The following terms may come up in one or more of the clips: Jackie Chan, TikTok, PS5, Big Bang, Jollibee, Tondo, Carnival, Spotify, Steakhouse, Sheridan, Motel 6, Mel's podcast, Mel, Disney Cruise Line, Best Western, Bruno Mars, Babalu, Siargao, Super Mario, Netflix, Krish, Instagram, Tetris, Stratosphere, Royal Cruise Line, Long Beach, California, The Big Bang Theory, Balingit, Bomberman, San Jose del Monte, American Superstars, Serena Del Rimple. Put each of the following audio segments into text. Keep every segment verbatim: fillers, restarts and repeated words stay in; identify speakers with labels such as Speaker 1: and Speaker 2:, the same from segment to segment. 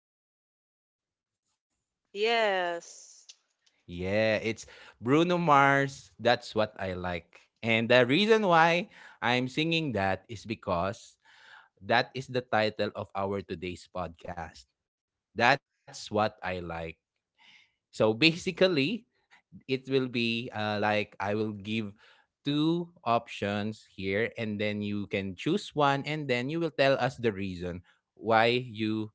Speaker 1: that song, Krish?
Speaker 2: Yes.
Speaker 1: Yeah, it's Bruno Mars. That's what I like. And the reason why I'm singing that is because that is the title of our today's podcast. That's what I like. So basically, it will be uh, like I will give two options here, and then you can choose one, and then you will tell us the reason why you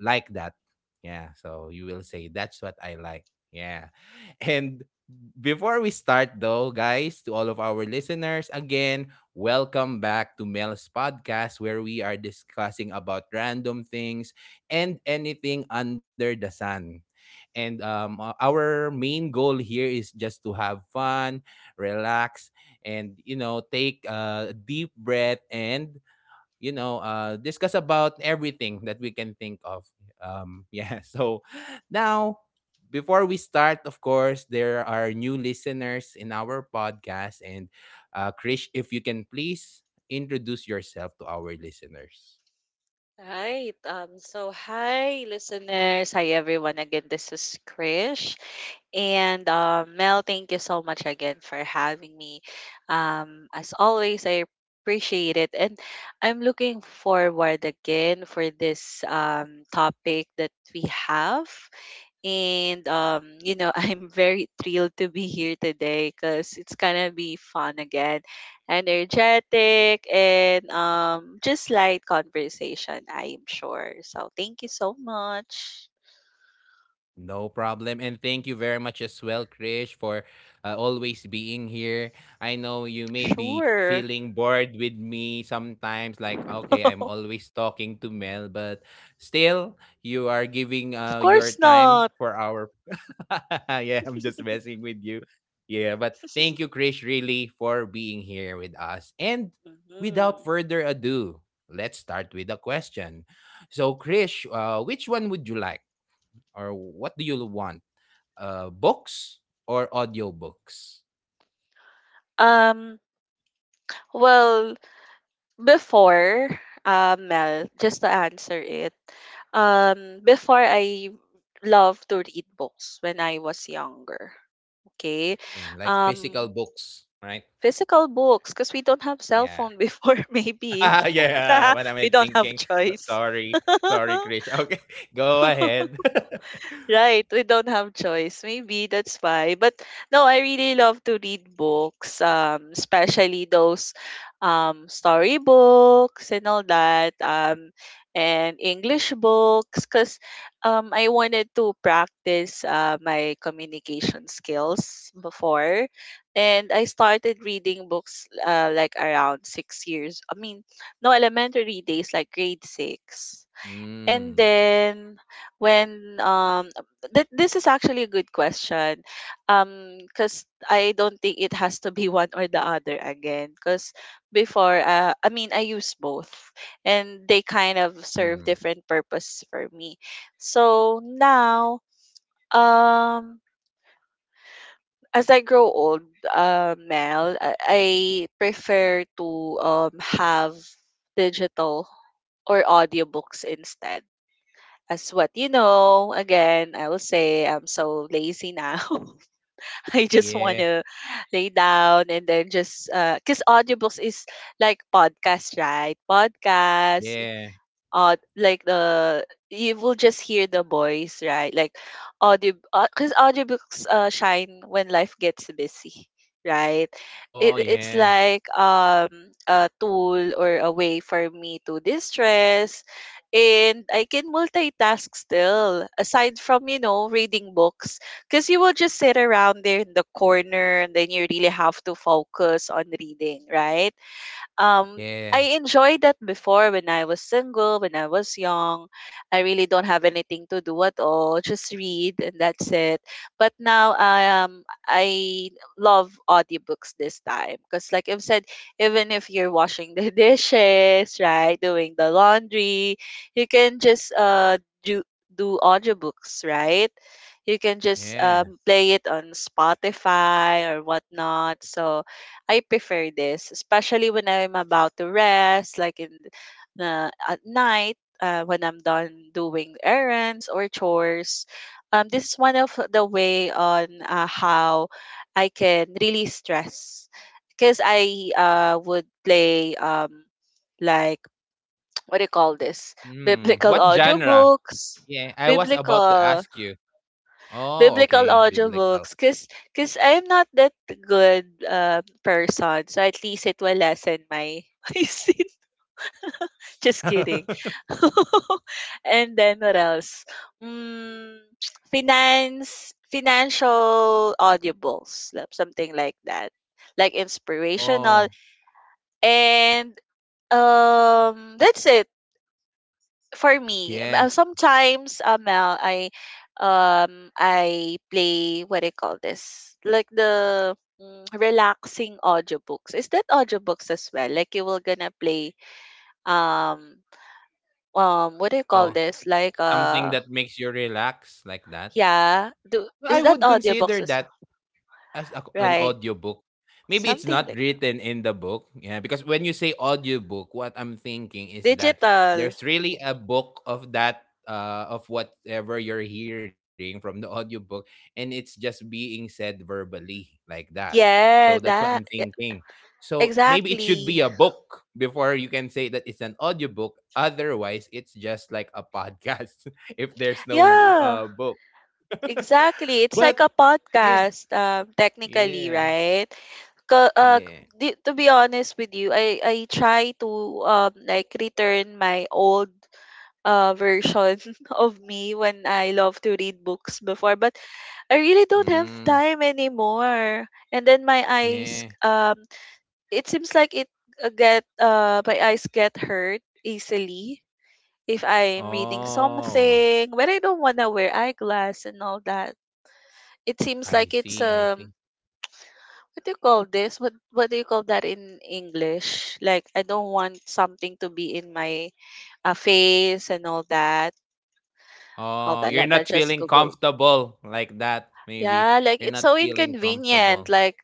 Speaker 1: like that. Yeah, so you will say that's what I like. Yeah. And before we start though, guys, to all of our listeners, again, welcome back to Mel's podcast where we are discussing about random things and anything under the sun and um, uh, our main goal here is just to have fun, relax, and you know take a deep breath and you know uh, discuss about everything that we can think of. Um, yeah, so now, before we start, of course there are new listeners in our podcast, and uh, Krish, if you can please introduce yourself to our listeners.
Speaker 2: Right. Um, so, hi, listeners. Hi, everyone. Again, this is Krish. And uh, Mel, thank you so much again for having me. Um, as always, I appreciate it. And I'm looking forward again for this um, topic that we have. And um, you know, I'm very thrilled to be here today because it's gonna be fun again, energetic, and um just light conversation, I'm sure. So thank you so much.
Speaker 1: No problem. And thank you very much as well, Krish, for uh, always being here. I know you may be
Speaker 2: Sure.
Speaker 1: feeling bored with me sometimes, like, okay, I'm always talking to Mel, but still, you are giving
Speaker 2: Of
Speaker 1: uh, your
Speaker 2: course
Speaker 1: time
Speaker 2: not.
Speaker 1: for our. Yeah, I'm just messing with you. Yeah, but thank you, Krish, really, for being here with us. And without
Speaker 2: Mhm.
Speaker 1: further ado, let's start with the question. So, Krish, uh, which one would you like? Or what do you want? Uh, books or audiobooks?
Speaker 2: Um, well, before, uh, Mel, just to answer it, um, before I loved to read books when I was younger. Okay.
Speaker 1: Mm, like physical
Speaker 2: Um,
Speaker 1: books, right?
Speaker 2: Physical books because we don't have cell
Speaker 1: Yeah.
Speaker 2: phone before maybe
Speaker 1: Ah, yeah, what am
Speaker 2: we
Speaker 1: I
Speaker 2: don't have
Speaker 1: thinking? So-
Speaker 2: choice.
Speaker 1: Sorry. Sorry, Krish. Okay, go ahead.
Speaker 2: Right, we don't have choice. Maybe that's why. But no, I really love to read books, um, especially those um story books and all that, um, and English books, because um I wanted to practice uh, my communication skills before, and I started reading books uh, like around six years. I mean, no, elementary days, like grade six. And
Speaker 1: Mm,
Speaker 2: then when um th- this is actually a good question. Um cuz I don't think it has to be one or the other again, cuz before uh, I mean, I use both, and they kind of serve
Speaker 1: mm,
Speaker 2: different purpose for me. So now um as I grow old, uh, Mel, I, I prefer to um have digital or audiobooks instead. As what, you know, again, I will say I'm so lazy now. I just want
Speaker 1: yeah,
Speaker 2: to lay down, and then just because audiobooks is like podcast, right? Podcast,
Speaker 1: yeah.
Speaker 2: uh like the you will just hear the voice, right? Like audio, because audiobooks uh, shine when life gets busy, right?
Speaker 1: Oh,
Speaker 2: It, it's
Speaker 1: yeah,
Speaker 2: like um a tool or a way for me to distress, and I can multitask still aside from, you know, reading books, because you will just sit around there in the corner and then you really have to focus on reading, right? um,
Speaker 1: yeah,
Speaker 2: I enjoyed that before when I was single, when I was young. I really don't have anything to do at all, just read and that's it. But now I um I love audiobooks this time, because like I've said, even if you're washing the dishes, right, doing the laundry, you can just uh do do audiobooks, right? You can just
Speaker 1: yeah.
Speaker 2: um, play it on Spotify or whatnot. So I prefer this, especially when I'm about to rest, like in the at night, uh, when I'm done doing errands or chores. Um, this is one of the way on uh, how I can release stress, because I uh would play um like what do you call this,
Speaker 1: Mm.
Speaker 2: biblical
Speaker 1: What genre?
Speaker 2: audiobooks,
Speaker 1: Yeah, I was about to
Speaker 2: biblical
Speaker 1: ask you. Oh, okay,
Speaker 2: biblical
Speaker 1: biblical.
Speaker 2: audiobooks because cause 'cause I'm not that good uh, person. So at least it will lessen my, my sin. Just kidding. And then what else? Mm, finance, financial audiobooks, like something like that. Like
Speaker 1: Oh,
Speaker 2: inspirational. And um that's it for me, m-
Speaker 1: yeah.
Speaker 2: uh, sometimes uh, Mel, I um I play, what do you call this? Like the mm, relaxing audiobooks. Is that audiobooks as well? Like you were gonna play um um what do you call
Speaker 1: Oh,
Speaker 2: this? Like
Speaker 1: something
Speaker 2: uh
Speaker 1: that makes you relax like that?
Speaker 2: yeah, do,
Speaker 1: I
Speaker 2: is that
Speaker 1: would consider
Speaker 2: audiobooks as
Speaker 1: that
Speaker 2: well?
Speaker 1: as a, an
Speaker 2: Right.
Speaker 1: audiobook. Maybe it's
Speaker 2: Something
Speaker 1: not
Speaker 2: like that.
Speaker 1: written in the book, yeah, because when you say audiobook, what I'm thinking is that
Speaker 2: Digital.
Speaker 1: there's really a book of that uh of whatever you're hearing from the audiobook, and it's just being said verbally like that. So that's
Speaker 2: Yeah,
Speaker 1: what I'm
Speaker 2: that e-
Speaker 1: thinking. So maybe it should be
Speaker 2: exactly.
Speaker 1: a book before you can say that it's an audiobook. Otherwise, it's just like a podcast if there's no
Speaker 2: Yeah,
Speaker 1: uh book.
Speaker 2: exactly. It's like
Speaker 1: But
Speaker 2: a
Speaker 1: yeah,
Speaker 2: podcast, um, technically,
Speaker 1: yeah,
Speaker 2: right? Ca- uh,
Speaker 1: yeah.
Speaker 2: di- to be honest with you, I I try to um like return my old uh version of me when I love to read books before, but I really don't have
Speaker 1: Mm,
Speaker 2: time anymore. And then my eyes,
Speaker 1: yeah.
Speaker 2: um it seems like it uh, get uh my eyes get hurt easily if I'm reading
Speaker 1: Oh,
Speaker 2: something, but I don't wanna wear eyeglass and all that. It seems
Speaker 1: I
Speaker 2: like it's
Speaker 1: see, I
Speaker 2: um
Speaker 1: see.
Speaker 2: what do you call this? What what do you call that in English? Like I don't want something to be in my uh, face and all that. Hold
Speaker 1: Oh,
Speaker 2: on,
Speaker 1: you're
Speaker 2: let me
Speaker 1: not
Speaker 2: just
Speaker 1: feeling
Speaker 2: Google.
Speaker 1: comfortable like that, maybe.
Speaker 2: Yeah, like
Speaker 1: You're
Speaker 2: it's
Speaker 1: not
Speaker 2: so
Speaker 1: feeling
Speaker 2: inconvenient,
Speaker 1: comfortable.
Speaker 2: like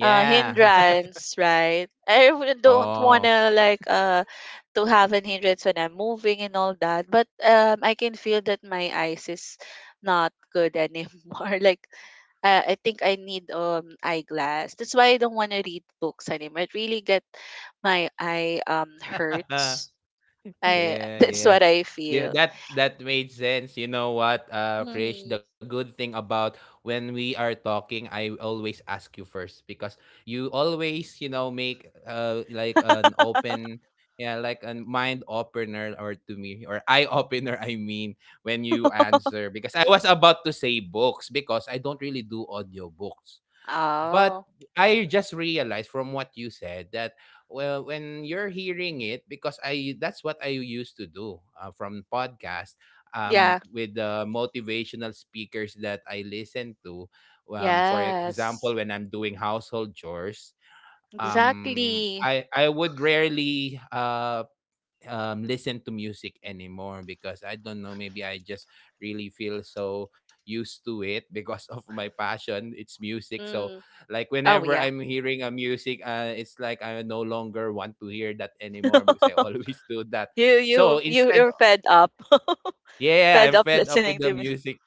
Speaker 2: uh hindrance, right? I w- don't
Speaker 1: Oh.
Speaker 2: wanna like uh to have an hindrance when I'm moving and all that, but um I can feel that my eyes is not good anymore. Like uh, I think I need um eyeglass. That's why I don't wanna read books anymore. It really get my eye um hurts. I
Speaker 1: Yeah,
Speaker 2: that's
Speaker 1: yeah.
Speaker 2: what I
Speaker 1: Yeah,
Speaker 2: feel.
Speaker 1: that that made sense. You know what, uh, Krish, the
Speaker 2: Hmm.
Speaker 1: good thing about when we are talking, I always ask you first because you always, you know, make uh like an open, yeah, like a mind opener or to me, or eye opener. I mean, when you answer, because I was about to say books because I don't really do audiobooks. But
Speaker 2: Oh
Speaker 1: I just realized from what you said that, well, when you're hearing it, because I that's what I used to do uh, from podcast um
Speaker 2: yeah,
Speaker 1: with the motivational speakers that I listen to, um for example
Speaker 2: yes.
Speaker 1: when I'm doing household chores, um
Speaker 2: Exactly.
Speaker 1: I I would rarely uh um, listen to music anymore, because I don't know, maybe I just really feel so used to it because of my passion. It's music. So,
Speaker 2: Mm.
Speaker 1: like,
Speaker 2: Oh
Speaker 1: whenever
Speaker 2: yeah.
Speaker 1: I'm hearing a music, uh, it's like I no longer want to hear that anymore because I always do that.
Speaker 2: you
Speaker 1: So,
Speaker 2: you you
Speaker 1: instead.
Speaker 2: you're fed up.
Speaker 1: Yeah,
Speaker 2: Fed
Speaker 1: I'm
Speaker 2: up
Speaker 1: fed up
Speaker 2: listening
Speaker 1: with the
Speaker 2: to me.
Speaker 1: music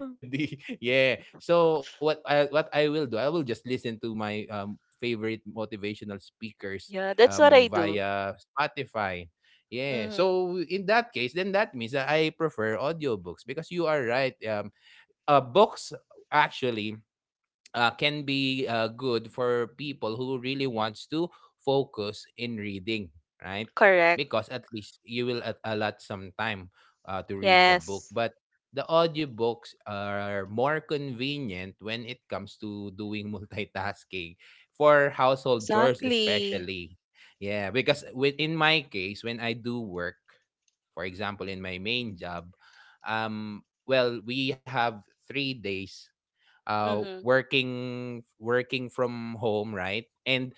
Speaker 1: Yeah. So what I what I will do, I will just listen to my um favorite motivational speakers
Speaker 2: Yeah, that's what
Speaker 1: um
Speaker 2: I do.
Speaker 1: via Spotify. Yeah.
Speaker 2: Mm.
Speaker 1: So in that case, then that means that I prefer audiobooks because you are right. Um uh books, actually, uh, can be uh, good for people who really wants to focus in reading, right?
Speaker 2: Correct.
Speaker 1: Because at least you will a- allot some time uh, to read the book.
Speaker 2: Yes.
Speaker 1: But the audiobooks are more convenient when it comes to doing multitasking for household chores
Speaker 2: Exactly.
Speaker 1: especially. Yeah, because within my case, when I do work, for example, in my main job, um, well, we have three days uh,
Speaker 2: Mm-hmm.
Speaker 1: working working from home, right? And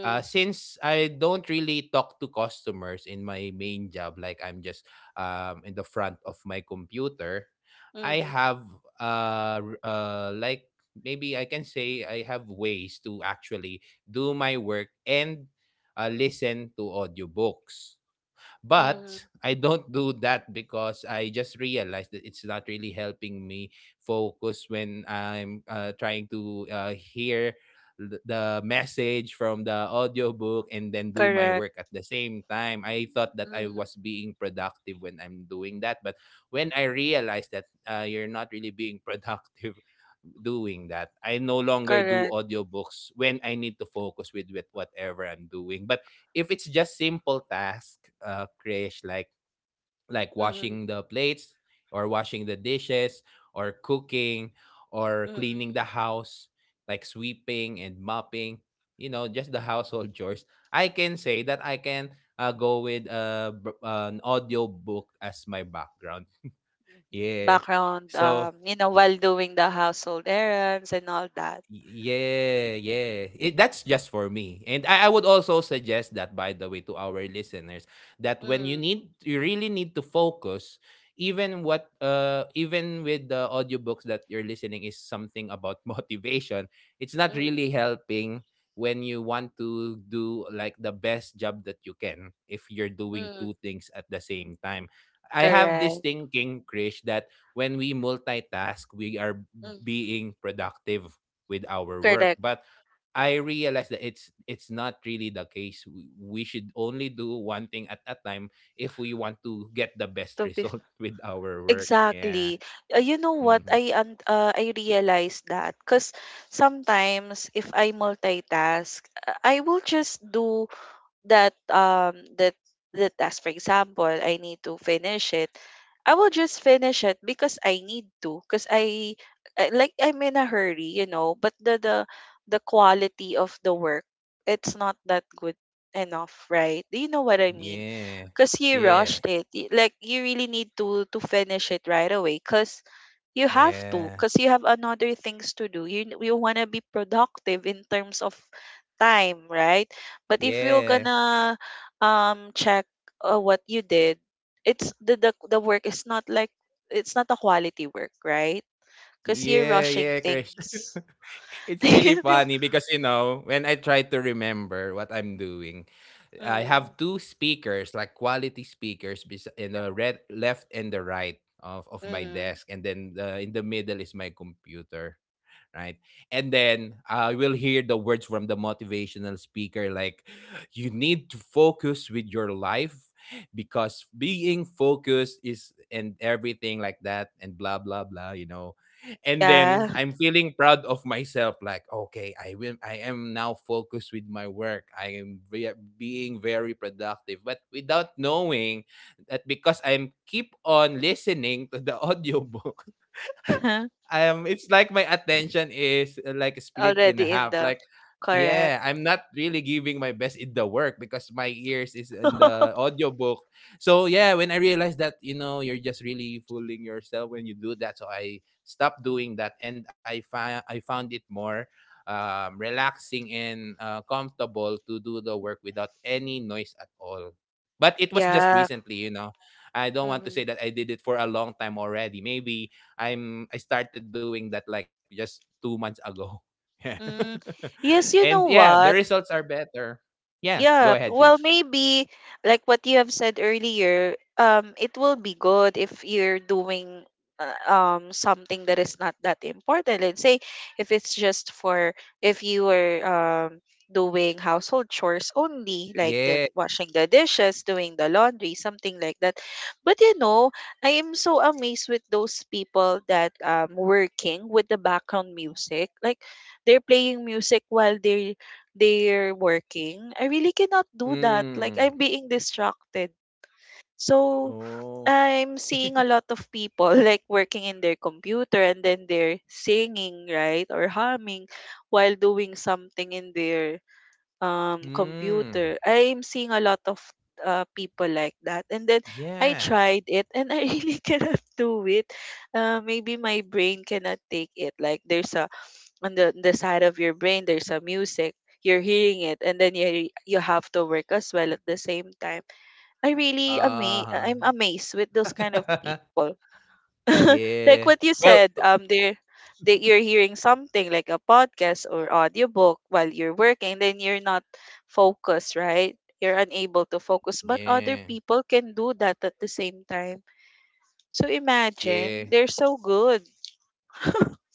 Speaker 1: uh, since I don't really talk to customers in my main job, like I'm just um, in the front of my computer, I
Speaker 2: Mm-hmm.
Speaker 1: have uh, r- uh, like maybe I can say I have ways to actually do my work and uh, listen to audiobooks. But
Speaker 2: Mm-hmm.
Speaker 1: I don't do that because I just realized that it's not really helping me focus when I'm uh, trying to uh, hear th- the message from the audiobook and then do my
Speaker 2: Correct.
Speaker 1: work at the same time. I thought that I
Speaker 2: Mm-hmm.
Speaker 1: was being productive when I'm doing that, but when I realized that, uh, you're not really being productive doing that, I no longer do
Speaker 2: Correct.
Speaker 1: audiobooks when I need to focus with, with whatever I'm doing. But if it's just simple task, uh, Krish, like like
Speaker 2: Mm-hmm.
Speaker 1: washing the plates or washing the dishes or cooking or cleaning
Speaker 2: Mm-hmm.
Speaker 1: the house, like sweeping and mopping, you know, just the household chores, I can say that I can uh, go with uh, b- an audio book as my background. Yeah.
Speaker 2: Background,
Speaker 1: So.
Speaker 2: um, you know, while doing the household errands and all that.
Speaker 1: Yeah, yeah. It, that's just for me. And I, I would also suggest that, by the way, to our listeners, that when you
Speaker 2: Mm-hmm.
Speaker 1: need, you really need to focus, even what, uh, even with the audiobooks that you're listening is something about motivation, it's not
Speaker 2: Mm.
Speaker 1: really helping when you want to do like the best job that you can if you're doing
Speaker 2: Mm.
Speaker 1: two things at the same time. I have this
Speaker 2: Correct.
Speaker 1: thinking, Krish, that when we multitask, we are
Speaker 2: Mm.
Speaker 1: being productive with our work,
Speaker 2: Correct.
Speaker 1: but I realized that it's it's not really the case. W- we should only do one thing at a time if we want to get the best
Speaker 2: To be
Speaker 1: result with our work. Yeah.
Speaker 2: Exactly. Uh, you know what?
Speaker 1: Hmm.
Speaker 2: I un- uh, I realized that because sometimes if I multitask, uh, I will just do that um that the task. For example, I need to finish it, I will just finish it because I need to. Because I, I like, I'm in a hurry, you know. But the the the quality of the work, it's not that good enough, right? Do you know what I mean?
Speaker 1: yeah,
Speaker 2: Because you
Speaker 1: yeah,
Speaker 2: rushed it. y- Like you really need to to finish it right away. Because you have
Speaker 1: yeah,
Speaker 2: to. Because you have another things to do. You you wanna be productive in terms of time, right? But if you're
Speaker 1: yeah,
Speaker 2: gonna um check uh, what you did, it's the the, the work is not like, it's not a quality work, right? Because
Speaker 1: yeah,
Speaker 2: you're
Speaker 1: yeah,
Speaker 2: rushing
Speaker 1: Krish.
Speaker 2: things.
Speaker 1: It's really
Speaker 2: Mm.
Speaker 1: funny, because, you know when I try to remember what I'm doing, I have two speakers, like quality speakers, bes- in the red, left and the right of, of my
Speaker 2: Mm.
Speaker 1: desk, and then uh, in the middle is my computer. Right? And then I will hear the words from the motivational speaker like, you need to focus with your life because being focused is and everything like that, and blah blah blah, you know and then
Speaker 2: Yeah.
Speaker 1: I'm feeling proud of myself like, okay, i will I am now focused with my work, I am ve- being very productive, but without knowing that, because I'm keep on listening to the audiobook, um it's like my attention is uh, like split in
Speaker 2: Already in
Speaker 1: half,
Speaker 2: the
Speaker 1: like,
Speaker 2: correct.
Speaker 1: yeah, I'm not really giving my best in the work because my ears is in the audiobook. So yeah, when I realized that, you know you're just really fooling yourself when you do that, so I stopped doing that, and i found i found it more um, relaxing and uh, comfortable to do the work without any noise at all. But it was just
Speaker 2: Yeah.
Speaker 1: recently, you know, I don't want to
Speaker 2: Mm-hmm.
Speaker 1: say that I did it for a long time already. Maybe I'm I started doing that like just two months ago. Yeah.
Speaker 2: Mm. Yes,
Speaker 1: And
Speaker 2: you know
Speaker 1: yeah, the
Speaker 2: what?
Speaker 1: results are better. Yeah, go
Speaker 2: Yeah,
Speaker 1: ahead,
Speaker 2: well,
Speaker 1: Krish.
Speaker 2: maybe like what you have said earlier, um, it will be good if you're doing uh, um something that is not that important. Let's say if it's just for, if you were um doing household chores only, like
Speaker 1: Yeah.
Speaker 2: the washing the dishes, doing the laundry, something like that. But you know, I am so amazed with those people that um working with the background music, like they're playing music while they're they're working, I really cannot do that. Like
Speaker 1: Mm.
Speaker 2: I'm being distracted. So
Speaker 1: Oh.
Speaker 2: I'm seeing a lot of people like working in their computer and then they're singing, right? Or humming while doing something in their um
Speaker 1: Mm.
Speaker 2: computer. I'm seeing a lot of uh, people like that. And then I
Speaker 1: Yeah.
Speaker 2: tried it, and I really cannot do it. Uh, maybe my brain cannot take it. Like there's a, on the the side of your brain there's a music, you're hearing it, and then you you have to work as well at the same time. I really ama-
Speaker 1: Uh-huh.
Speaker 2: I'm amazed with those kind of people. Like
Speaker 1: Yeah.
Speaker 2: what you
Speaker 1: Well,
Speaker 2: said, um they're they, you're hearing something like a podcast or audiobook while you're working, then you're not focused, right? You're unable to focus, but other
Speaker 1: yeah.
Speaker 2: people can do that at the same time. So imagine,
Speaker 1: Yeah.
Speaker 2: they're so good.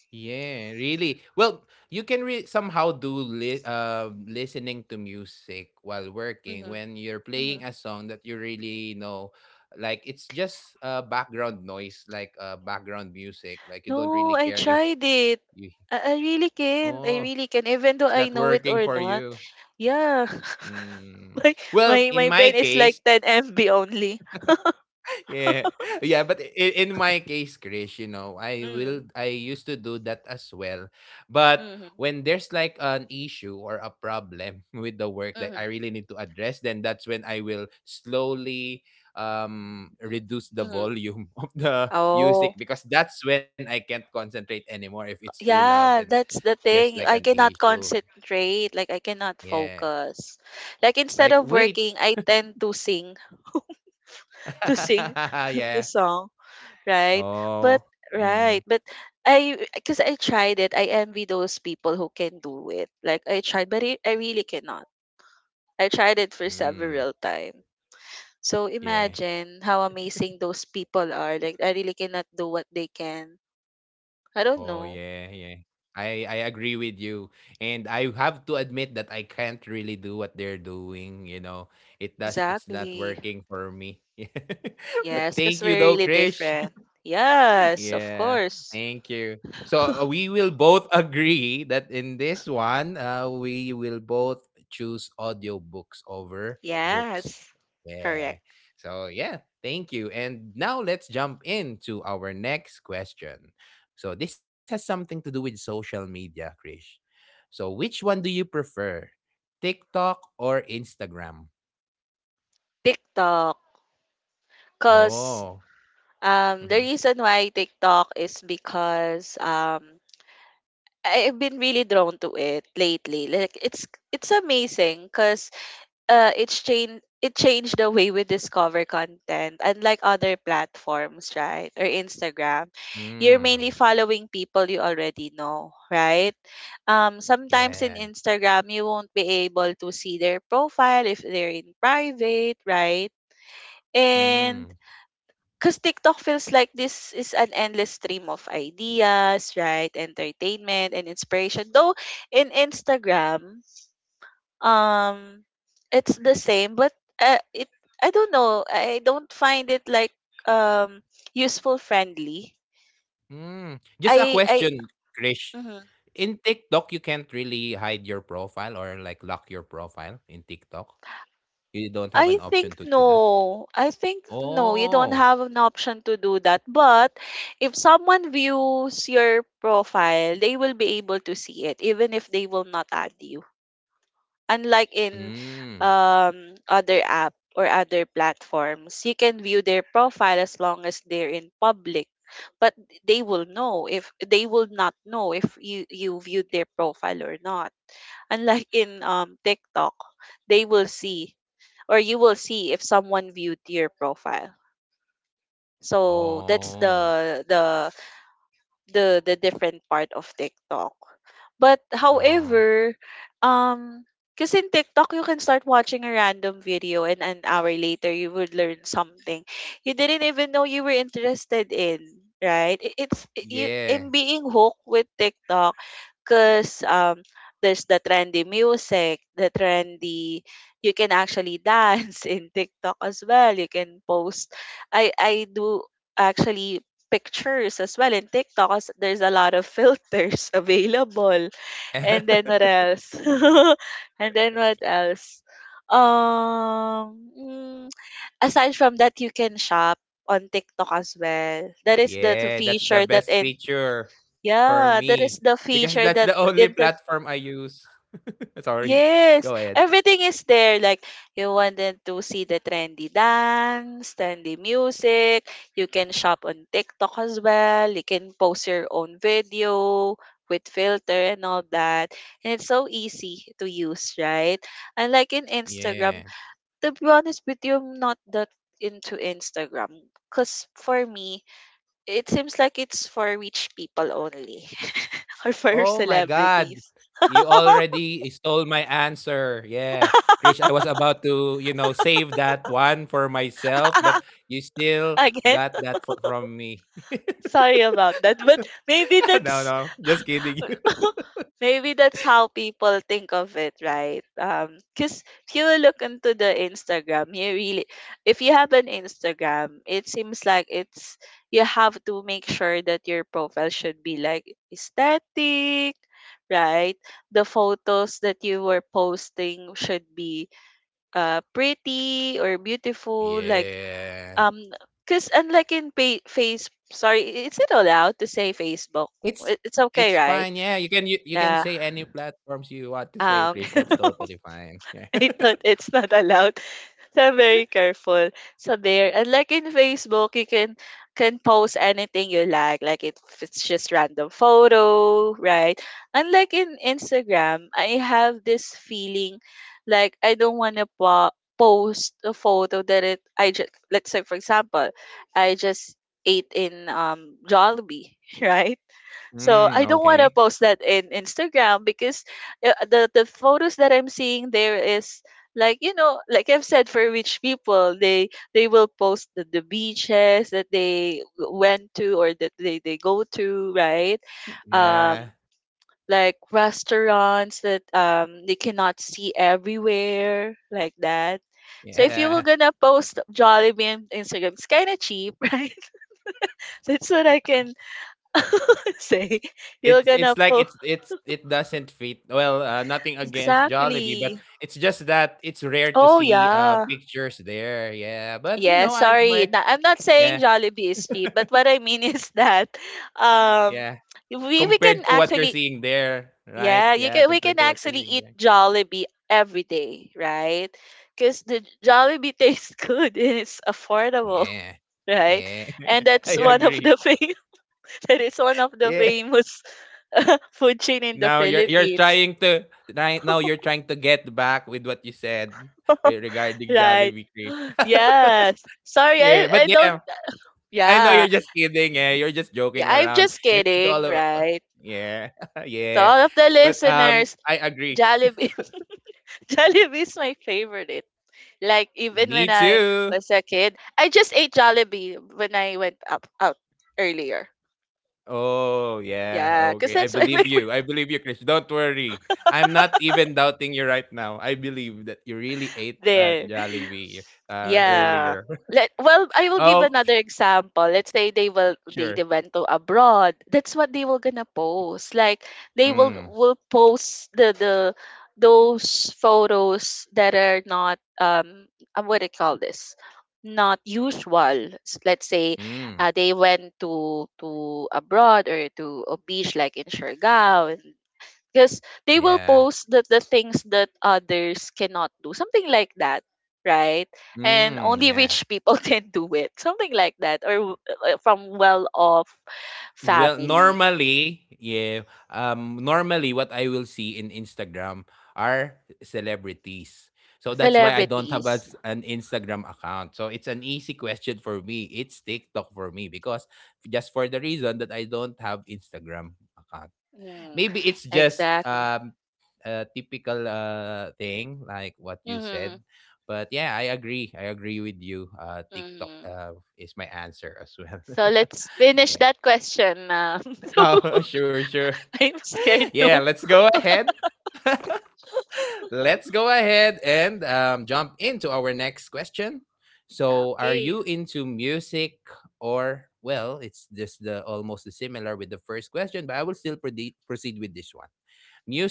Speaker 1: Yeah, really. Well, you can re- somehow do li- uh, listening to music while working
Speaker 2: Hmm.
Speaker 1: when you're playing a song that you really know. Like it's just uh, background noise, like uh, background music. Like you don't
Speaker 2: No, I
Speaker 1: really care if
Speaker 2: tried it.
Speaker 1: you,
Speaker 2: I, I really can't.
Speaker 1: oh,
Speaker 2: I really can, even
Speaker 1: it's
Speaker 2: though
Speaker 1: not
Speaker 2: I know it
Speaker 1: working
Speaker 2: or
Speaker 1: for
Speaker 2: not.
Speaker 1: you.
Speaker 2: Yeah.
Speaker 1: Mm.
Speaker 2: my
Speaker 1: Well,
Speaker 2: my
Speaker 1: in
Speaker 2: my
Speaker 1: my
Speaker 2: brain is
Speaker 1: case.
Speaker 2: like ten M B only.
Speaker 1: Yeah. Yeah, but in, in my case, Chris, you know, I
Speaker 2: Mm,
Speaker 1: will I used to do that as well. But
Speaker 2: mm-hmm,
Speaker 1: when there's like an issue or a problem with the work that
Speaker 2: mm-hmm,
Speaker 1: I really need to address, then that's when I will slowly um reduce the
Speaker 2: mm-hmm.
Speaker 1: volume of the
Speaker 2: Oh,
Speaker 1: music, because that's when I can't concentrate anymore if it's too loud and
Speaker 2: yeah, that's the
Speaker 1: there's
Speaker 2: thing.
Speaker 1: like
Speaker 2: I
Speaker 1: an
Speaker 2: cannot
Speaker 1: issue.
Speaker 2: concentrate. Like I cannot
Speaker 1: Yeah.
Speaker 2: focus. Like instead
Speaker 1: Like,
Speaker 2: of
Speaker 1: wait.
Speaker 2: working, I tend to sing, to sing the
Speaker 1: Yeah.
Speaker 2: song. Right? But
Speaker 1: Oh.
Speaker 2: right,
Speaker 1: Mm.
Speaker 2: but I, because I tried it, I envy those people who can do it. Like I tried, but it, I really cannot. I tried it for
Speaker 1: Mm.
Speaker 2: several times. So
Speaker 1: Yeah.
Speaker 2: imagine how amazing those people are. Like I really cannot do what they can. I don't
Speaker 1: Oh
Speaker 2: know.
Speaker 1: yeah, yeah. I I agree with you. And I have to admit that I can't really do what they're doing, you know. It does it's not
Speaker 2: Exactly.
Speaker 1: working for me. But
Speaker 2: Yes,
Speaker 1: thank
Speaker 2: because
Speaker 1: you
Speaker 2: we're
Speaker 1: though,
Speaker 2: really
Speaker 1: Krish.
Speaker 2: different. Yes, of
Speaker 1: Yeah,
Speaker 2: course.
Speaker 1: thank you. So uh, we will both agree that in this one, uh, we will both choose audiobooks over books.
Speaker 2: Yes, correct.
Speaker 1: Yeah. So yeah, thank you. And now let's jump into our next question. So this has something to do with social media, Krish. So which one do you prefer, TikTok or Instagram?
Speaker 2: TikTok, cause
Speaker 1: Oh.
Speaker 2: um the
Speaker 1: Mm-hmm.
Speaker 2: reason why TikTok is because um I have been really drawn to it lately. Like it's it's amazing because uh it's changed it changed the way we discover content. Unlike other platforms, right? Or Instagram, you're mainly
Speaker 1: Mm.
Speaker 2: following people you already know, right? Um sometimes in
Speaker 1: Yeah.
Speaker 2: Instagram you won't be able to see their profile if they're in private, right? And
Speaker 1: Mm.
Speaker 2: because TikTok feels like this is an endless stream of ideas, right? Entertainment and inspiration. Though in Instagram, um, it's the same, but uh, it I don't know. I don't find it like um useful friendly.
Speaker 1: Mm. Just a
Speaker 2: I I
Speaker 1: question, Krish.
Speaker 2: mhm.
Speaker 1: In TikTok, you can't really hide your profile or like lock your profile in TikTok. You don't have an
Speaker 2: I
Speaker 1: option
Speaker 2: think
Speaker 1: to do that.
Speaker 2: no. I think no. You don't
Speaker 1: Oh.
Speaker 2: have an option to do that. But if someone views your profile, they will be able to see it, even if they will not add you. Unlike in
Speaker 1: Mm.
Speaker 2: um, other app or other platforms, you can view their profile as long as they're in public. But they will know, if they will not know if you you viewed their profile or not. Unlike in um, TikTok, they will see, or you will see if someone viewed your profile. So that's
Speaker 1: Oh.
Speaker 2: the the the the different part of TikTok. But
Speaker 1: Oh.
Speaker 2: however, um because in TikTok you can start watching a random video and an hour later you would learn something you didn't even know you were interested in, right? I- It's I- you
Speaker 1: Yeah.
Speaker 2: in being hooked with TikTok. 'Cause, um, there's the trendy music, the trendy, you can actually dance in TikTok as well, you can post, I I do actually pictures as well in TikTok 'cause there's a lot of filters available. And
Speaker 1: Yeah.
Speaker 2: then what else? And then what else? Um, mm, aside from that, you can shop on TikTok as well. That is the t-
Speaker 1: Yeah. That's the
Speaker 2: feature that
Speaker 1: best
Speaker 2: in
Speaker 1: feature for
Speaker 2: yeah,
Speaker 1: me
Speaker 2: that is the
Speaker 1: because that's the
Speaker 2: feature that
Speaker 1: only
Speaker 2: in
Speaker 1: platform I use. Sorry. Go
Speaker 2: yes,
Speaker 1: ahead.
Speaker 2: everything is there. Like you wanted to see the trendy dance, trendy music. You can shop on TikTok as well. You can post your own video with filter and all that. And it's so easy to use, right? And like in Instagram,
Speaker 1: Yeah.
Speaker 2: to be honest with you, I'm not that into Instagram. Because for me, it seems like it's for rich people only or
Speaker 1: Oh my
Speaker 2: for
Speaker 1: God.
Speaker 2: celebrities.
Speaker 1: You already stole my answer. Yeah. Krish, I was about to, you know, save that one for myself, but you still
Speaker 2: Again.
Speaker 1: got that for, from me.
Speaker 2: Sorry about that, but maybe
Speaker 1: No,
Speaker 2: that's
Speaker 1: no. Just kidding.
Speaker 2: maybe that's how people think of it, right? Um, because if you look into the Instagram, you really, if you have an Instagram, it seems like it's you have to make sure that your profile should be like aesthetic, right? The photos that you were posting should be uh pretty or beautiful, like
Speaker 1: Yeah.
Speaker 2: um, because unlike in pay, face, sorry, is it allowed to say Facebook?
Speaker 1: It's
Speaker 2: It- It's
Speaker 1: it's
Speaker 2: okay,
Speaker 1: fine.
Speaker 2: right?
Speaker 1: Yeah, you can you, you can say
Speaker 2: Yeah.
Speaker 1: any platforms you want to say, Krish.
Speaker 2: Um,
Speaker 1: That's totally fine. Yeah.
Speaker 2: I thought it's not allowed. So I'm very careful. So there, and like in Facebook, you can can post anything you like, like if it's just random photo, right? And like in Instagram, I have this feeling like I don't want to po- post a photo that it I just, let's say for example, I just ate in um Jollibee, right? So
Speaker 1: Mm,
Speaker 2: I don't want
Speaker 1: okay.
Speaker 2: to post that in Instagram because uh, the the photos that I'm seeing there is, like, you know, like I've said, for rich people, they they will post the, the beaches that they w- went to or that they, they go to, right?
Speaker 1: Yeah.
Speaker 2: um like restaurants that um they cannot see everywhere, like that. So if you were
Speaker 1: Yeah.
Speaker 2: gonna post Jollibee on Instagram, it's kind of cheap right? That's what I can say you're
Speaker 1: It's it's
Speaker 2: gonna
Speaker 1: like
Speaker 2: post.
Speaker 1: it's it's it doesn't fit. Well, uh, nothing against Jollibee, but
Speaker 2: Exactly.
Speaker 1: it's just that it's rare to
Speaker 2: Oh
Speaker 1: see uh
Speaker 2: yeah.
Speaker 1: pictures there. Yeah, but you
Speaker 2: Yeah,
Speaker 1: know, I
Speaker 2: sorry.
Speaker 1: my
Speaker 2: Na- I'm not saying
Speaker 1: yeah,
Speaker 2: Jollibee is cheap, but what I mean is that um
Speaker 1: yeah,
Speaker 2: we we can
Speaker 1: compared to what you're
Speaker 2: actually
Speaker 1: seeing there, right?
Speaker 2: yeah, you
Speaker 1: Yeah,
Speaker 2: can we
Speaker 1: compared
Speaker 2: can
Speaker 1: to what you're
Speaker 2: actually
Speaker 1: seeing
Speaker 2: eat
Speaker 1: there.
Speaker 2: Jollibee every day, right? Cuz the Jollibee tastes good and it's affordable,
Speaker 1: Yeah,
Speaker 2: right?
Speaker 1: yeah,
Speaker 2: And
Speaker 1: I
Speaker 2: that's one of the
Speaker 1: agree.
Speaker 2: fam- that is one of the
Speaker 1: Yeah.
Speaker 2: famous food chain in the
Speaker 1: Now you're you're trying
Speaker 2: Philippines.
Speaker 1: to right now you're trying to get back with what you said re- regarding
Speaker 2: Right.
Speaker 1: Jollibee.
Speaker 2: Yes. Sorry, I,
Speaker 1: Yeah, but
Speaker 2: I don't.
Speaker 1: yeah. I know
Speaker 2: Yeah.
Speaker 1: you're just kidding, eh? You're just
Speaker 2: Yeah,
Speaker 1: joking
Speaker 2: I'm
Speaker 1: around.
Speaker 2: just
Speaker 1: And to all
Speaker 2: kidding,
Speaker 1: of
Speaker 2: right?
Speaker 1: yeah, yeah.
Speaker 2: To all of the
Speaker 1: But um, I
Speaker 2: listeners,
Speaker 1: agree.
Speaker 2: Jollibee, Jollibee is my favorite. Like even
Speaker 1: Me
Speaker 2: when I
Speaker 1: too.
Speaker 2: was a kid, I just ate Jollibee when I went up out earlier.
Speaker 1: Oh yeah,
Speaker 2: Yeah,
Speaker 1: okay.
Speaker 2: because
Speaker 1: I
Speaker 2: that's my
Speaker 1: believe
Speaker 2: favorite
Speaker 1: you. I believe you, Chris. Don't worry. I'm not even doubting you right now. I believe that you really ate uh,
Speaker 2: there.
Speaker 1: Jollibee uh,
Speaker 2: Yeah.
Speaker 1: earlier.
Speaker 2: Let, well, I will give
Speaker 1: Oh
Speaker 2: another example. Let's say they will they,
Speaker 1: sure.
Speaker 2: they went to abroad. That's what they were gonna post. Like they will
Speaker 1: Mm,
Speaker 2: will post the the those photos that are not um uh, what do you call this? Not usual. S- Let's say
Speaker 1: mm,
Speaker 2: uh, they went to to abroad or to a beach like in Siargao because they will
Speaker 1: yeah.
Speaker 2: post the, the things that others cannot do, something like that, right? And
Speaker 1: Mm,
Speaker 2: only
Speaker 1: yeah.
Speaker 2: rich people can do it, something like that, or uh, from well off
Speaker 1: Well,
Speaker 2: family.
Speaker 1: normally, yeah. Um, normally, what I will see in Instagram are celebrities. So that's why I don't have
Speaker 2: Celebrities.
Speaker 1: as an Instagram account. So it's an easy question for me. It's TikTok for me because just for the reason that I don't have Instagram account. Maybe
Speaker 2: mm,
Speaker 1: it's just
Speaker 2: exactly.
Speaker 1: um a typical uh thing like what you
Speaker 2: mm-hmm,
Speaker 1: said. But yeah, I agree. I agree with you. Uh, TikTok
Speaker 2: mm-hmm.
Speaker 1: uh, is my answer as well.
Speaker 2: So let's finish
Speaker 1: Yeah.
Speaker 2: that question now. So
Speaker 1: Oh, sure, sure.
Speaker 2: I'm scared
Speaker 1: Yeah,
Speaker 2: too.
Speaker 1: let's go ahead. Let's go ahead and um, jump into our next question. So, are
Speaker 2: Okay.
Speaker 1: you into music or well, it's just the almost the similar with the first question, but I will still prede- proceed with this one.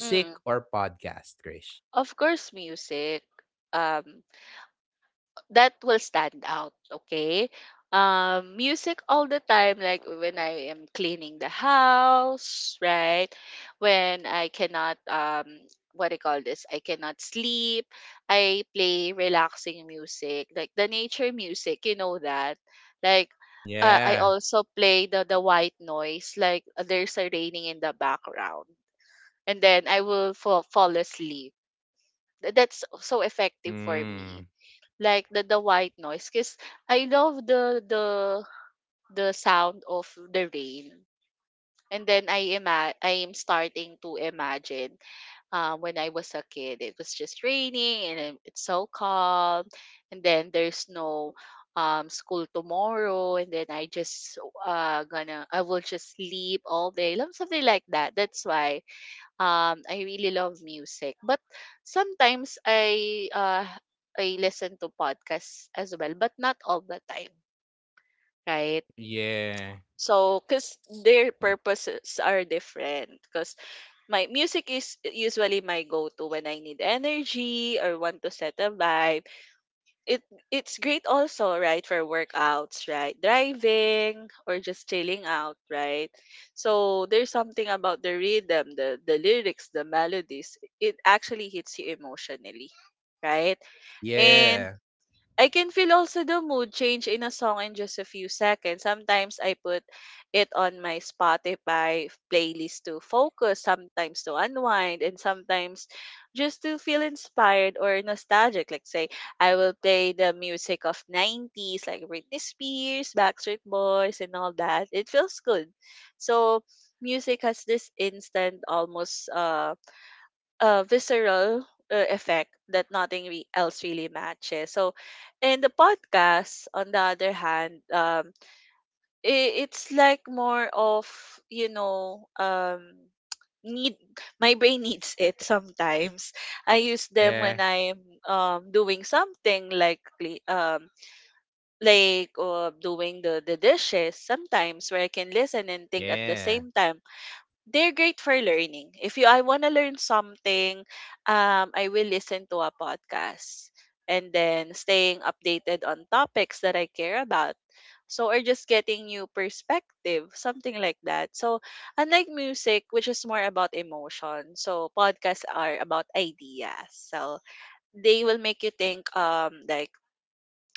Speaker 2: Hmm.
Speaker 1: or podcast, Krish?
Speaker 2: Of course music, um that will stand out, okay. Um music all the time, like when I am cleaning the house, right? When I cannot, um what I call this, I cannot sleep, I play relaxing music like the nature music, you know that, like, uh, I
Speaker 1: Yeah.
Speaker 2: also play the the white noise, like, uh, there's a raining in the background, and then I will fall, fall asleep. Th- that's so effective for me,
Speaker 1: Mm,
Speaker 2: like the the white noise, because I love the the the sound of the rain. And then I ima- I am starting to imagine, um, when I was a kid, it was just raining and it- it's so calm. And then there's no, um, school tomorrow. And then I just, uh, gonna I will just sleep all day, like, something like that. That's why, um, I really love music, but sometimes I uh, I listen to podcasts as well, but not all the time, right?
Speaker 1: yeah.
Speaker 2: So, because their
Speaker 1: Mm.
Speaker 2: purposes are different. Because my music is usually my go-to when I need energy or want to set a vibe. It it's great also, right, for workouts, right, driving, or just chilling out, right? So there's something about the rhythm, the the lyrics, the melodies. It actually hits you emotionally, right? And
Speaker 1: Yeah.
Speaker 2: I can feel also the mood change in a song in just a few seconds. Sometimes I put it on my Spotify playlist to focus, sometimes to unwind, and sometimes just to feel inspired or nostalgic. Like say, I will play the music of nineties like Britney Spears, Backstreet Boys, and all that. It feels good. So music has this instant, almost uh uh, visceral uh, effect that nothing re- else really matches. So, in the podcast, on the other hand, um, I it's like more of, you know, um need, my brain needs it sometimes. I use them when
Speaker 1: Yeah.
Speaker 2: I'm um doing something like cle- um like, uh, doing the the dishes sometimes, where I can listen and think at the
Speaker 1: Yeah.
Speaker 2: same time. They're great for learning. If you I want to learn something, um, I will listen to a podcast, and then staying updated on topics that I care about. So, or just getting new perspective, something like that. So unlike music, which is more about emotion, so podcasts are about ideas. So they will make you think, um like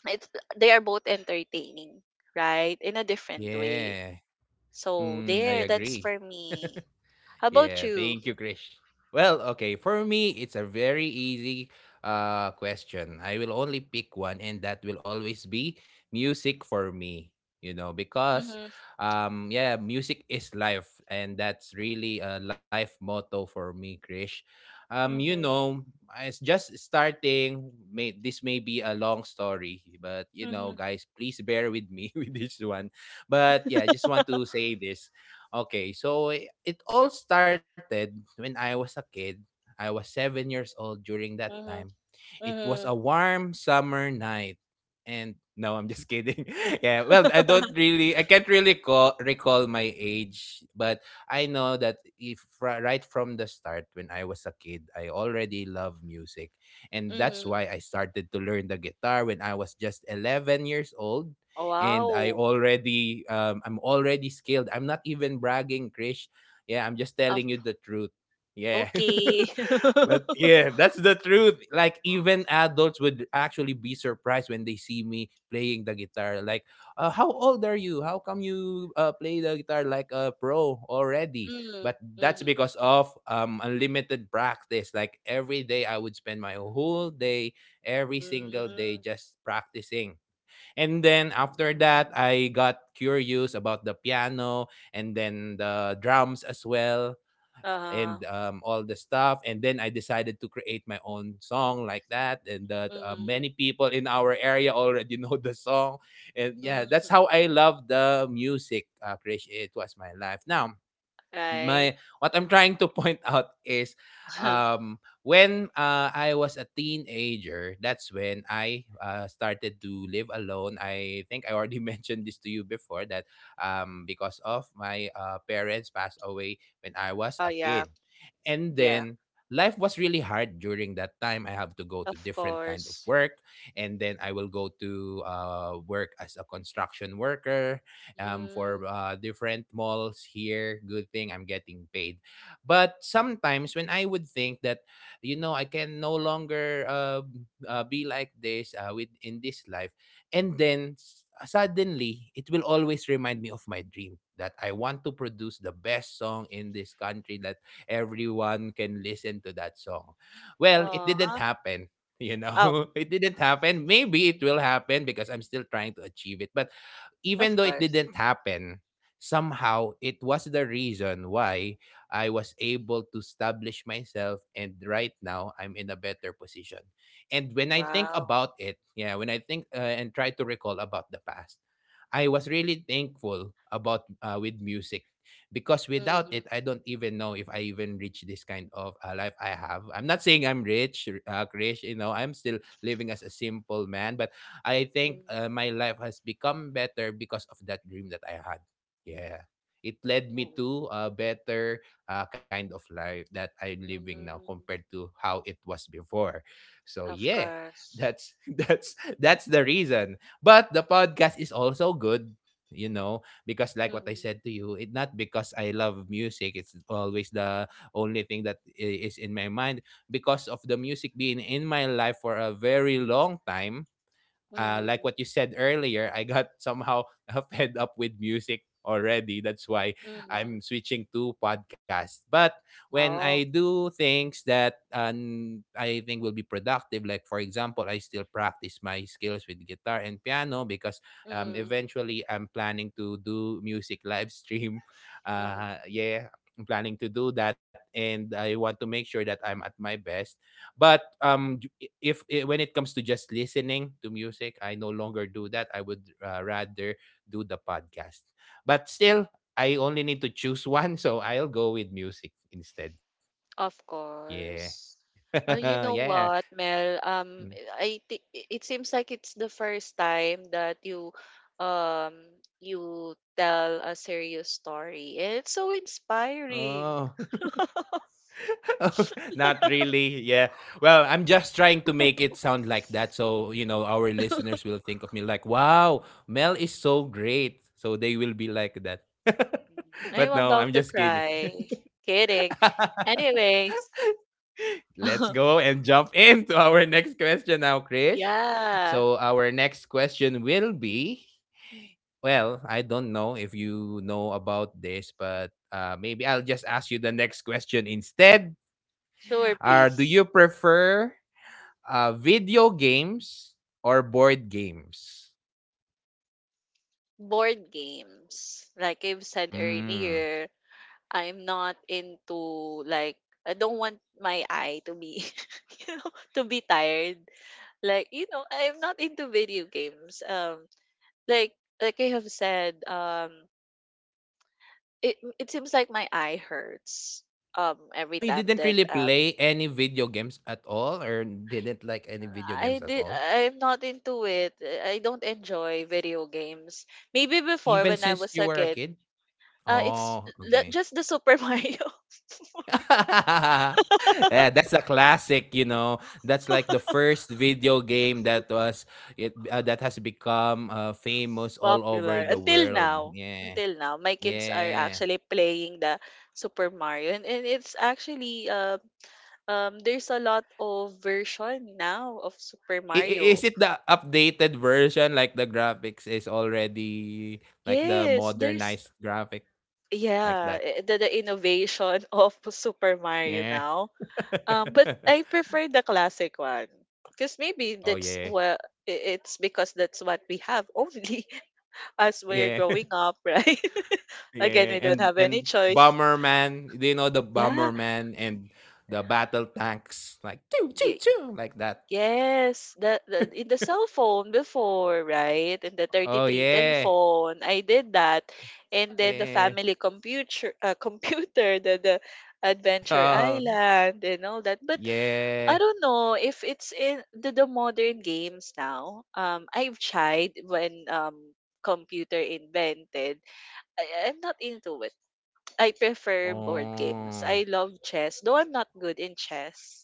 Speaker 2: it's they are both entertaining, right? In a different way.
Speaker 1: Yeah.
Speaker 2: So
Speaker 1: Mm,
Speaker 2: there,
Speaker 1: I
Speaker 2: that's
Speaker 1: agree.
Speaker 2: for me. How about
Speaker 1: Yeah,
Speaker 2: you?
Speaker 1: thank you, Krish. Well, okay, for me, it's a very easy uh, question. I will only pick one, and that will always be music for me, you know, because,
Speaker 2: Mhm,
Speaker 1: um, yeah, music is life, and that's really a life motto for me, Krish. Um, you
Speaker 2: mhm,
Speaker 1: know, it's just starting. May, this may be a long story, but you know,
Speaker 2: mhm.
Speaker 1: guys, please bear with me with this one. But yeah, I just want to say this. Okay, so i- it all started when I was a kid. I was seven years old during that time.
Speaker 2: Mhm,
Speaker 1: It was a
Speaker 2: mhm.
Speaker 1: warm summer night. And no, I'm just kidding. Yeah, well, I don't really, I can't really call, recall my age, but I know that if ri- right from the start, when I was a kid, I already love music. And that's
Speaker 2: Mhm.
Speaker 1: why I started to learn the guitar when I was just eleven years old and I
Speaker 2: Wow.
Speaker 1: already um, I'm already skilled. I'm not even bragging, Krish. Yeah, I'm just
Speaker 2: Of
Speaker 1: telling you the truth. Yeah.
Speaker 2: Okay.
Speaker 1: But yeah, that's the truth. Like even adults would actually be surprised when they see me playing the guitar. Like, uh, how old are you? How come you uh, play the guitar like a pro already?
Speaker 2: Mm,
Speaker 1: But that's
Speaker 2: mhm,
Speaker 1: because of um unlimited practice. Like every day I would spend my whole day, every single day
Speaker 2: mm.
Speaker 1: just practicing. And then after that, I got curious about the piano and then the drums as well and
Speaker 2: Uh-huh.
Speaker 1: um, all the stuff. And then I decided to create my own song like that. And that uh, many
Speaker 2: Mhm,
Speaker 1: people in our area already know the song. And yeah, that's
Speaker 2: mhm.
Speaker 1: how I love the music, uh, Krish. It was my life. Now,
Speaker 2: Right.
Speaker 1: my what I'm trying to point out is um when uh, I was a teenager, that's when I uh, started to live alone. I think I already mentioned this to you before that um because of my uh, parents passed away when I was
Speaker 2: Oh,
Speaker 1: a
Speaker 2: yeah.
Speaker 1: kid. And
Speaker 2: Yeah.
Speaker 1: then life was really hard during that time. I have to go to
Speaker 2: Of
Speaker 1: different kind of
Speaker 2: course.
Speaker 1: work and then I will go to uh, work as a construction worker um,
Speaker 2: Mm.
Speaker 1: for uh, different malls here. Good thing I'm getting paid. But sometimes when I would think that, you know, I can no longer uh, uh, be like this uh, with in this life, and then s- suddenly it will always remind me of my dream that I want to produce the best song in this country that everyone can listen to that song. Well, it didn't
Speaker 2: Aw.
Speaker 1: happen. You
Speaker 2: Oh,
Speaker 1: know, it didn't happen. Maybe it will happen because I'm still trying to achieve it. But even
Speaker 2: of
Speaker 1: though it
Speaker 2: course.
Speaker 1: didn't happen, somehow it was the reason why I was able to establish myself. And right now, I'm in a better position. And when I think
Speaker 2: Wow.
Speaker 1: about it, yeah, when I think uh, and try to recall about the past, I was really thankful about uh, with music because without
Speaker 2: Mm,
Speaker 1: it, I don't even know if I even reach this kind of uh, life I have. I'm not saying I'm rich, uh, rich. You know, I'm still living as a simple man, but I think
Speaker 2: mm,
Speaker 1: uh, my life has become better because of that dream that I had. Yeah. It led me
Speaker 2: mm,
Speaker 1: to a better uh, kind of life that I'm living now
Speaker 2: mm.
Speaker 1: compared to how it was before. So
Speaker 2: Of
Speaker 1: yeah,
Speaker 2: course.
Speaker 1: that's that's that's the reason. But the podcast is also good, you know, because like what I
Speaker 2: Mm,
Speaker 1: said to you, it not because I love music. It's always the only thing that i- is in my mind because of the music being in my life for a very long time uh, like
Speaker 2: mhm,
Speaker 1: what you said earlier, I got somehow fed up with music already. That's why
Speaker 2: mhm.
Speaker 1: I'm switching to podcast. But when I
Speaker 2: Oh.
Speaker 1: do things that um, I think will be productive, like for example, I still practice my skills with guitar and piano because um,
Speaker 2: Mhm,
Speaker 1: eventually I'm planning to do music live stream.
Speaker 2: mhm.
Speaker 1: Uh, yeah. I'm planning to do that, and I want to make sure that I'm at my best. But um, d- I- if, I when it comes to just listening to music, I no longer do that. I would uh, rather do the podcast. But still, I only need to choose one, so I'll go with music instead.
Speaker 2: Of
Speaker 1: Yeah,
Speaker 2: course. Uh, you know
Speaker 1: yeah.
Speaker 2: what, Mel?
Speaker 1: Mm.
Speaker 2: Um, I think it seems like it's the first time that you, um, you tell a serious story. And it's so
Speaker 1: Oh,
Speaker 2: inspiring.
Speaker 1: not really. Yeah. Well, I'm just trying to make it sound like that, so you know our listeners will think of me like, "Wow, Mel is so great." So they will be like that.
Speaker 2: Mm, I'm
Speaker 1: But no, I'm
Speaker 2: about to
Speaker 1: just kidding.
Speaker 2: cry. Kidding. Anyways,
Speaker 1: Let's go and jump into our next question now, Krish.
Speaker 2: yeah,
Speaker 1: So, our next question will be well, I don't know if you know about this, but uh, maybe I'll just ask you the next question instead.
Speaker 2: sure,
Speaker 1: Uh, do
Speaker 2: please.
Speaker 1: you prefer uh, video games or board games?
Speaker 2: Board games, like I've said
Speaker 1: Mm.
Speaker 2: earlier, I'm not into like I don't want my eye to be you know, to be tired. Like, you know, I'm not into video games. Um like like I have said, um it it seems like my eye hurts um every
Speaker 1: Oh, you
Speaker 2: time
Speaker 1: didn't
Speaker 2: that
Speaker 1: really
Speaker 2: um
Speaker 1: play any video games at all, or didn't like any video
Speaker 2: I
Speaker 1: games at
Speaker 2: did.
Speaker 1: all,
Speaker 2: I'm not into it. I don't enjoy video games. Maybe before
Speaker 1: even
Speaker 2: when I
Speaker 1: since
Speaker 2: was
Speaker 1: you
Speaker 2: a
Speaker 1: were a
Speaker 2: kid,
Speaker 1: kid?
Speaker 2: uh it's
Speaker 1: Oh,
Speaker 2: l-
Speaker 1: okay.
Speaker 2: just the Super Mario.
Speaker 1: Yeah, that's a classic, you know. That's like the first video game that was it uh, that has become uh, famous all
Speaker 2: Popular
Speaker 1: over the
Speaker 2: until
Speaker 1: world.
Speaker 2: now,
Speaker 1: Yeah.
Speaker 2: until now. My kids are
Speaker 1: Yeah.
Speaker 2: actually playing the Super Mario, and, and it's actually, uh, um there's a lot of version now of Super
Speaker 1: I- i- Is
Speaker 2: Mario.
Speaker 1: it the updated version like the graphics is already like the
Speaker 2: Yes, there's
Speaker 1: modernized graphic like
Speaker 2: yeah,
Speaker 1: that?
Speaker 2: eh, the, the innovation of Super
Speaker 1: Yeah.
Speaker 2: Mario now. Um but I prefer the classic one, because maybe
Speaker 1: Oh
Speaker 2: that's
Speaker 1: yeah.
Speaker 2: what it's because that's what we have only as we're
Speaker 1: Yeah.
Speaker 2: growing up, right? Again,
Speaker 1: Yeah,
Speaker 2: we don't
Speaker 1: and
Speaker 2: have any
Speaker 1: and
Speaker 2: choice.
Speaker 1: Bomberman, do you know the
Speaker 2: Yeah,
Speaker 1: Bomberman and the battle tanks like choo choo
Speaker 2: yeah.
Speaker 1: choo like that.
Speaker 2: Yes, the, the in the cell phone before, right? In the
Speaker 1: Oh
Speaker 2: thirty-three ten
Speaker 1: yeah.
Speaker 2: phone, I did that. And then the
Speaker 1: Yeah.
Speaker 2: family computer, uh, computer, the the
Speaker 1: Oh,
Speaker 2: Adventure Island and all that. But
Speaker 1: yeah.
Speaker 2: I don't know if it's in the, the modern games now. Um, I've tried when um computer invented. I, I'm not into it. I prefer board games.
Speaker 1: Oh.
Speaker 2: I love chess, though I'm not good in chess.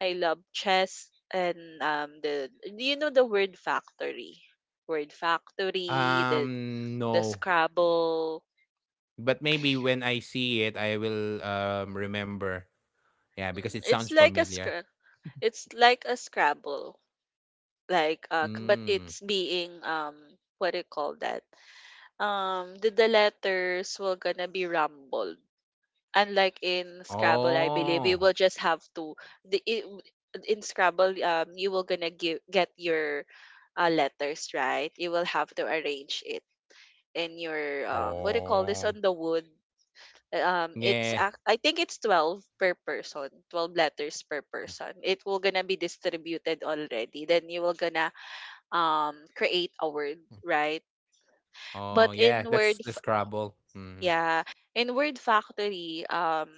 Speaker 2: I love chess and um the do you know the word factory? Word factory, the
Speaker 1: Um
Speaker 2: the
Speaker 1: no.
Speaker 2: Scrabble.
Speaker 1: But maybe when I see it I will um remember. Yeah, because it
Speaker 2: Mm,
Speaker 1: sounds
Speaker 2: It's like a
Speaker 1: familiar.
Speaker 2: scr- it's like a Scrabble. Like uh k- but
Speaker 1: Mm.
Speaker 2: it's being um what do you call that? Um the, the letters will gonna be rumbled. Unlike in Scrabble, I believe
Speaker 1: Oh.
Speaker 2: you will just have to, the i- w- in Scrabble, um you will gonna give get your uh, letters, right. You will have to arrange it in your, um what do you call this,
Speaker 1: Oh.
Speaker 2: on the wood. Um, it's
Speaker 1: Yeah.
Speaker 2: ac- I think it's twelve per person, twelve letters per person. It will gonna be distributed already. Then you will gonna um create a word, right?
Speaker 1: Oh
Speaker 2: But
Speaker 1: yeah,
Speaker 2: in word,
Speaker 1: that's the
Speaker 2: f-
Speaker 1: Scrabble. Mm.
Speaker 2: yeah, in word factory, um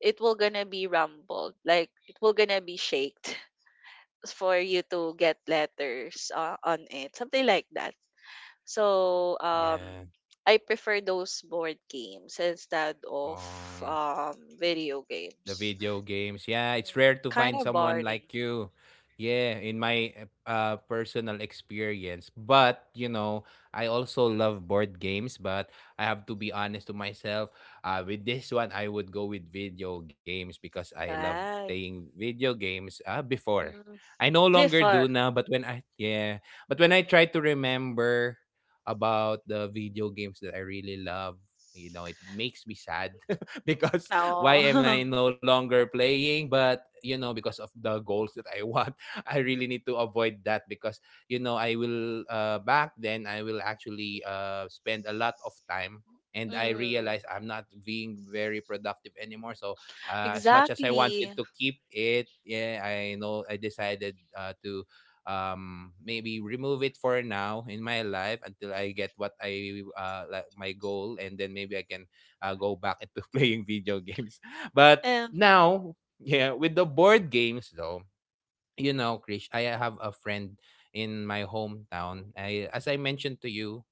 Speaker 2: it will gonna be rumbled, like it will gonna be shaked for you to get letters uh, on it, something like that, so um
Speaker 1: Yeah.
Speaker 2: I prefer those board games instead of
Speaker 1: Oh.
Speaker 2: um video
Speaker 1: The
Speaker 2: games,
Speaker 1: video games. Yeah, it's rare to
Speaker 2: kind
Speaker 1: find
Speaker 2: of
Speaker 1: someone
Speaker 2: boring,
Speaker 1: like you. Yeah, in my uh, uh, personal experience. But, you know, I also love board games, but I have to be honest to myself. Uh, with this one, I would go with video games because I love
Speaker 2: right?
Speaker 1: playing video games uh, before.
Speaker 2: Mm.
Speaker 1: I no longer do
Speaker 2: Before.
Speaker 1: now, but when I, yeah, but when I try to remember about the video games that I really love, you know, it makes me sad because why am I
Speaker 2: Oh.
Speaker 1: no longer playing? But you know, because of the goals that I want, I really need to avoid that because you know I will uh, back then I will actually uh, spend a lot of time. And I
Speaker 2: mm.
Speaker 1: realize I'm not being very productive anymore. So uh, as much as I wanted
Speaker 2: Exactly.
Speaker 1: to keep it, yeah, I know I decided uh, to um maybe remove it for now in my life until I get what I uh like my goal, and then maybe I can uh, go back into playing video games. But
Speaker 2: um,
Speaker 1: now, yeah, with the board games though, you know, Krish, I have a friend in my hometown. I, as I mentioned to you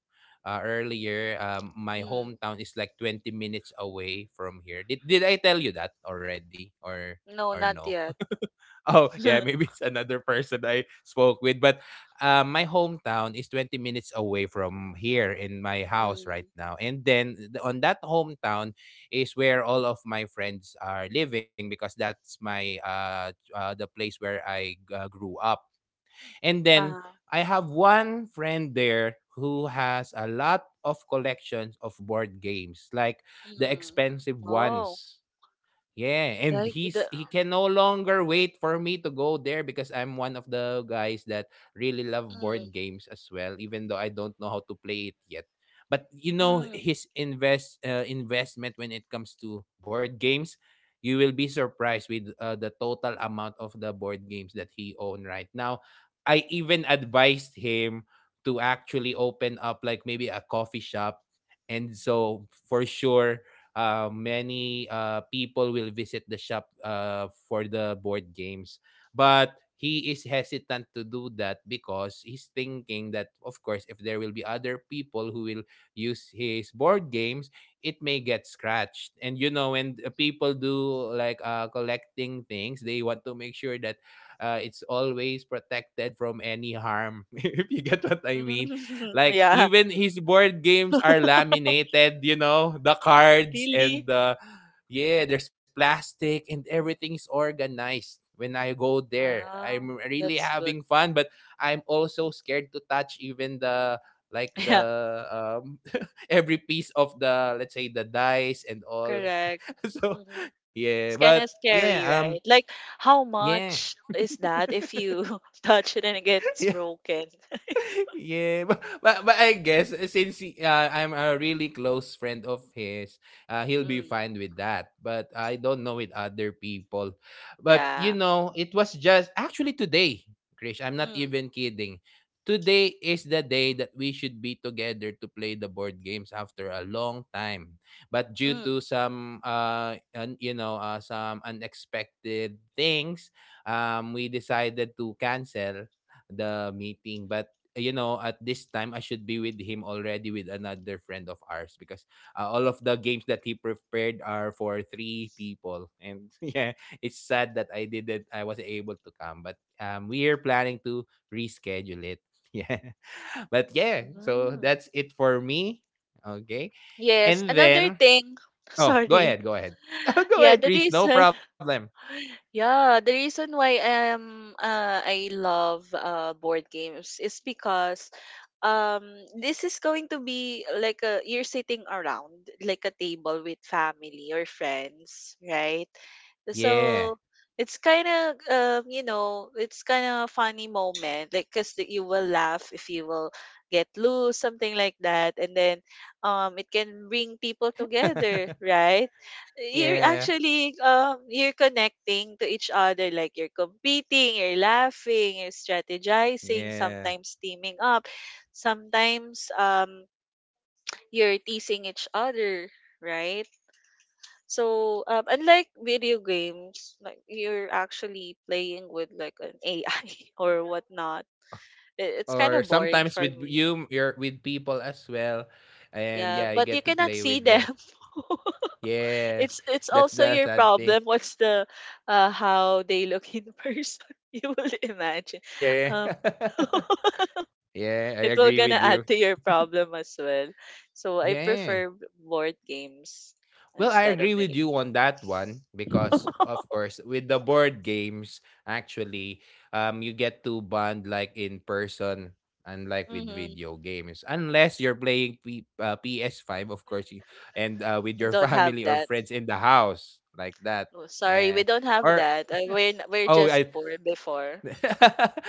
Speaker 1: uh, earlier, um, my
Speaker 2: mm.
Speaker 1: hometown is like twenty minutes away from here. Did, did I tell you that already, or or
Speaker 2: No, not
Speaker 1: no?
Speaker 2: yet.
Speaker 1: Oh, yeah, maybe it's another person I spoke with. But um, my hometown is twenty minutes away from here in my house right
Speaker 2: mm.
Speaker 1: now. And then th- on that hometown is where all of my friends are living because that's my uh, uh the place where I uh, grew up. And then
Speaker 2: uh,
Speaker 1: I have one friend there who has a lot of collections of board games, like the
Speaker 2: mm.
Speaker 1: expensive
Speaker 2: Oh,
Speaker 1: ones. Yeah, and
Speaker 2: like
Speaker 1: he's
Speaker 2: the.
Speaker 1: he can no longer wait for me to go there because I'm one of the guys that really love
Speaker 2: Mm,
Speaker 1: board games as well, even though I don't know how to play it yet. But you know
Speaker 2: mm,
Speaker 1: his invest uh, investment when it comes to board games, you will be surprised with uh, the total amount of the board games that he own right now. I even advised him to actually open up like maybe a coffee shop, and so for sure uh, many uh, people will visit the shop uh, for the board games. But he is hesitant to do that because he's thinking that, of course, if there will be other people who will use his board games, it may get scratched. And you know, when uh, people do like uh, collecting things, they want to make sure that uh, it's always protected from any harm. If you get what I mean.
Speaker 2: mm.
Speaker 1: Like
Speaker 2: Yeah.
Speaker 1: even his board games are laminated, you know, the cards
Speaker 2: Really?
Speaker 1: and the yeah, there's plastic and everything's organized. When I go there, I'm
Speaker 2: Wow.
Speaker 1: really
Speaker 2: That's
Speaker 1: having
Speaker 2: good.
Speaker 1: fun, but I'm also scared to touch even the like
Speaker 2: Yeah.
Speaker 1: the um every piece of the, let's say, the dice and all.
Speaker 2: Correct.
Speaker 1: So
Speaker 2: Mm-hmm.
Speaker 1: yeah,
Speaker 2: It's
Speaker 1: but
Speaker 2: kind of
Speaker 1: yeah,
Speaker 2: scary,
Speaker 1: um
Speaker 2: right? Like, how
Speaker 1: yeah.
Speaker 2: much is that if you touch it and it gets broken?
Speaker 1: Yeah, but, but but I guess uh, since he, uh, I'm a really close friend of his, uh, he'll be
Speaker 2: Mm,
Speaker 1: fine with that. But I don't know with other people. But you
Speaker 2: yeah.
Speaker 1: know, it was just actually today, Krish. I'm not
Speaker 2: Mm,
Speaker 1: even kidding. Today is the day that we should be together to play the board games after a long time. But due to
Speaker 2: mm,
Speaker 1: some uh un, you know, uh, some unexpected things, um we decided to cancel the meeting. But you know, at this time I should be with him already with another friend of ours because uh, all of the games that he prepared are for three people. And yeah, it's sad that I didn't I wasn't able to come, but um we are planning to reschedule it. Yeah. But yeah, so
Speaker 2: mm.
Speaker 1: that's it for me. Okay.
Speaker 2: Yes.
Speaker 1: And
Speaker 2: Another
Speaker 1: then
Speaker 2: thing.
Speaker 1: oh, go
Speaker 2: Sorry.
Speaker 1: ahead, go ahead. Go
Speaker 2: Yeah,
Speaker 1: ahead,
Speaker 2: the
Speaker 1: Krish, no
Speaker 2: reason
Speaker 1: problem.
Speaker 2: Yeah, the reason why um uh, I love uh board games is because um this is going to be like a you're sitting around like a table with family or friends, right?
Speaker 1: Yeah.
Speaker 2: So it's kind of um, you know, it's kind of funny moment, like because you will laugh if you will get loose something like that. And then um it can bring people together, right? You're
Speaker 1: Yeah.
Speaker 2: actually um you're connecting to each other, like you're competing, you're laughing, you're strategizing,
Speaker 1: Yeah.
Speaker 2: sometimes teaming up, sometimes um you're teasing each other, right? So, um, unlike video games, like you're actually playing with like an A I or whatnot. It, it's kind
Speaker 1: Or
Speaker 2: of boring
Speaker 1: sometimes
Speaker 2: for
Speaker 1: with
Speaker 2: me.
Speaker 1: you, you're with people as well, and
Speaker 2: Yeah,
Speaker 1: yeah, you
Speaker 2: but you
Speaker 1: get to
Speaker 2: cannot
Speaker 1: play
Speaker 2: see
Speaker 1: with
Speaker 2: them.
Speaker 1: them. Yeah,
Speaker 2: it's it's
Speaker 1: that's
Speaker 2: also
Speaker 1: the
Speaker 2: your
Speaker 1: sad thing.
Speaker 2: problem. What's the uh, How they look in person? You will imagine.
Speaker 1: Yeah.
Speaker 2: Um,
Speaker 1: Yeah, I
Speaker 2: it will
Speaker 1: agree
Speaker 2: gonna
Speaker 1: with you.
Speaker 2: add to your problem as well. So I
Speaker 1: Yeah.
Speaker 2: prefer b- board games
Speaker 1: Well, I
Speaker 2: instead
Speaker 1: agree
Speaker 2: of
Speaker 1: with
Speaker 2: video
Speaker 1: you
Speaker 2: games.
Speaker 1: on that one because, of course, with the board games, actually, um, you get to bond like in person, unlike with
Speaker 2: Mm-hmm.
Speaker 1: video games. Unless you're playing P- uh, P S five, of course, you, and uh, with your
Speaker 2: Don't have
Speaker 1: family or
Speaker 2: that.
Speaker 1: friends in the house, like that.
Speaker 2: Oh, sorry, we
Speaker 1: Yeah.
Speaker 2: don't have
Speaker 1: Or,
Speaker 2: that. Uh, We're n- we're
Speaker 1: oh, I
Speaker 2: just poor before.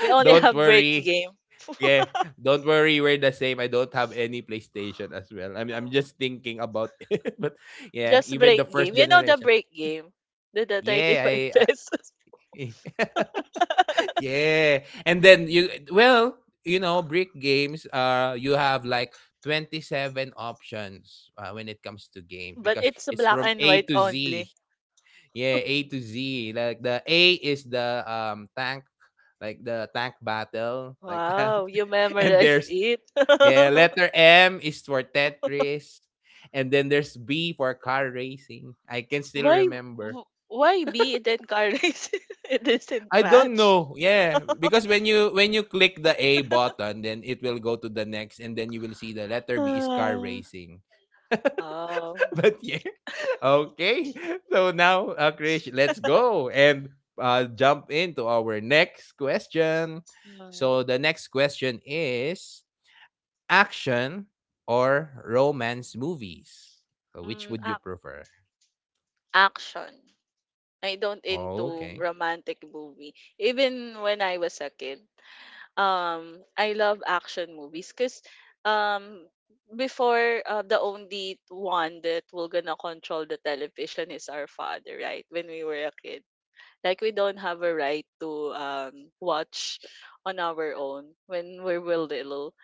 Speaker 2: We only
Speaker 1: don't
Speaker 2: have break
Speaker 1: worry.
Speaker 2: game.
Speaker 1: Yeah, don't worry, we're the same. I don't have any PlayStation as well. I'm, I'm
Speaker 2: No.
Speaker 1: just thinking about it. But yeah,
Speaker 2: Just
Speaker 1: even
Speaker 2: break
Speaker 1: the first
Speaker 2: game. You know the
Speaker 1: generation.
Speaker 2: break game? The, the
Speaker 1: Yeah, I,
Speaker 2: thirty-five
Speaker 1: I
Speaker 2: pesos.
Speaker 1: yeah. And then you well, you know, brick games uh you have like twenty seven options uh, when it comes to games
Speaker 2: But
Speaker 1: because
Speaker 2: it's
Speaker 1: it's
Speaker 2: black
Speaker 1: from
Speaker 2: and
Speaker 1: A
Speaker 2: white
Speaker 1: to
Speaker 2: only.
Speaker 1: Z. Yeah, A to Z. Like the A is the um tank, like the tank battle, like that.
Speaker 2: Wow, you
Speaker 1: And
Speaker 2: memorized
Speaker 1: there's
Speaker 2: it.
Speaker 1: yeah, letter M is for Tetris. And then there's B for car racing. I can still
Speaker 2: why
Speaker 1: remember.
Speaker 2: w- Why B? It encourages, it doesn't
Speaker 1: I don't
Speaker 2: match?
Speaker 1: know. Yeah, because when you when you click the A button, then it will go to the next, and then you will see the letter B is car racing.
Speaker 2: Ah. Oh.
Speaker 1: But yeah, okay. So now, uh, Krish, let's go and uh, jump into our next question.
Speaker 2: Mm.
Speaker 1: So the next question is action or romance movies. So which
Speaker 2: Mm,
Speaker 1: would you
Speaker 2: ac-
Speaker 1: prefer?
Speaker 2: Action. I don't
Speaker 1: Oh,
Speaker 2: into
Speaker 1: okay.
Speaker 2: romantic movie. Even when I was a kid, um, I love action movies because um, before uh, the only one that will gonna control the television is our father, right? When we were a kid, like we don't have a right to um watch on our own when we were little.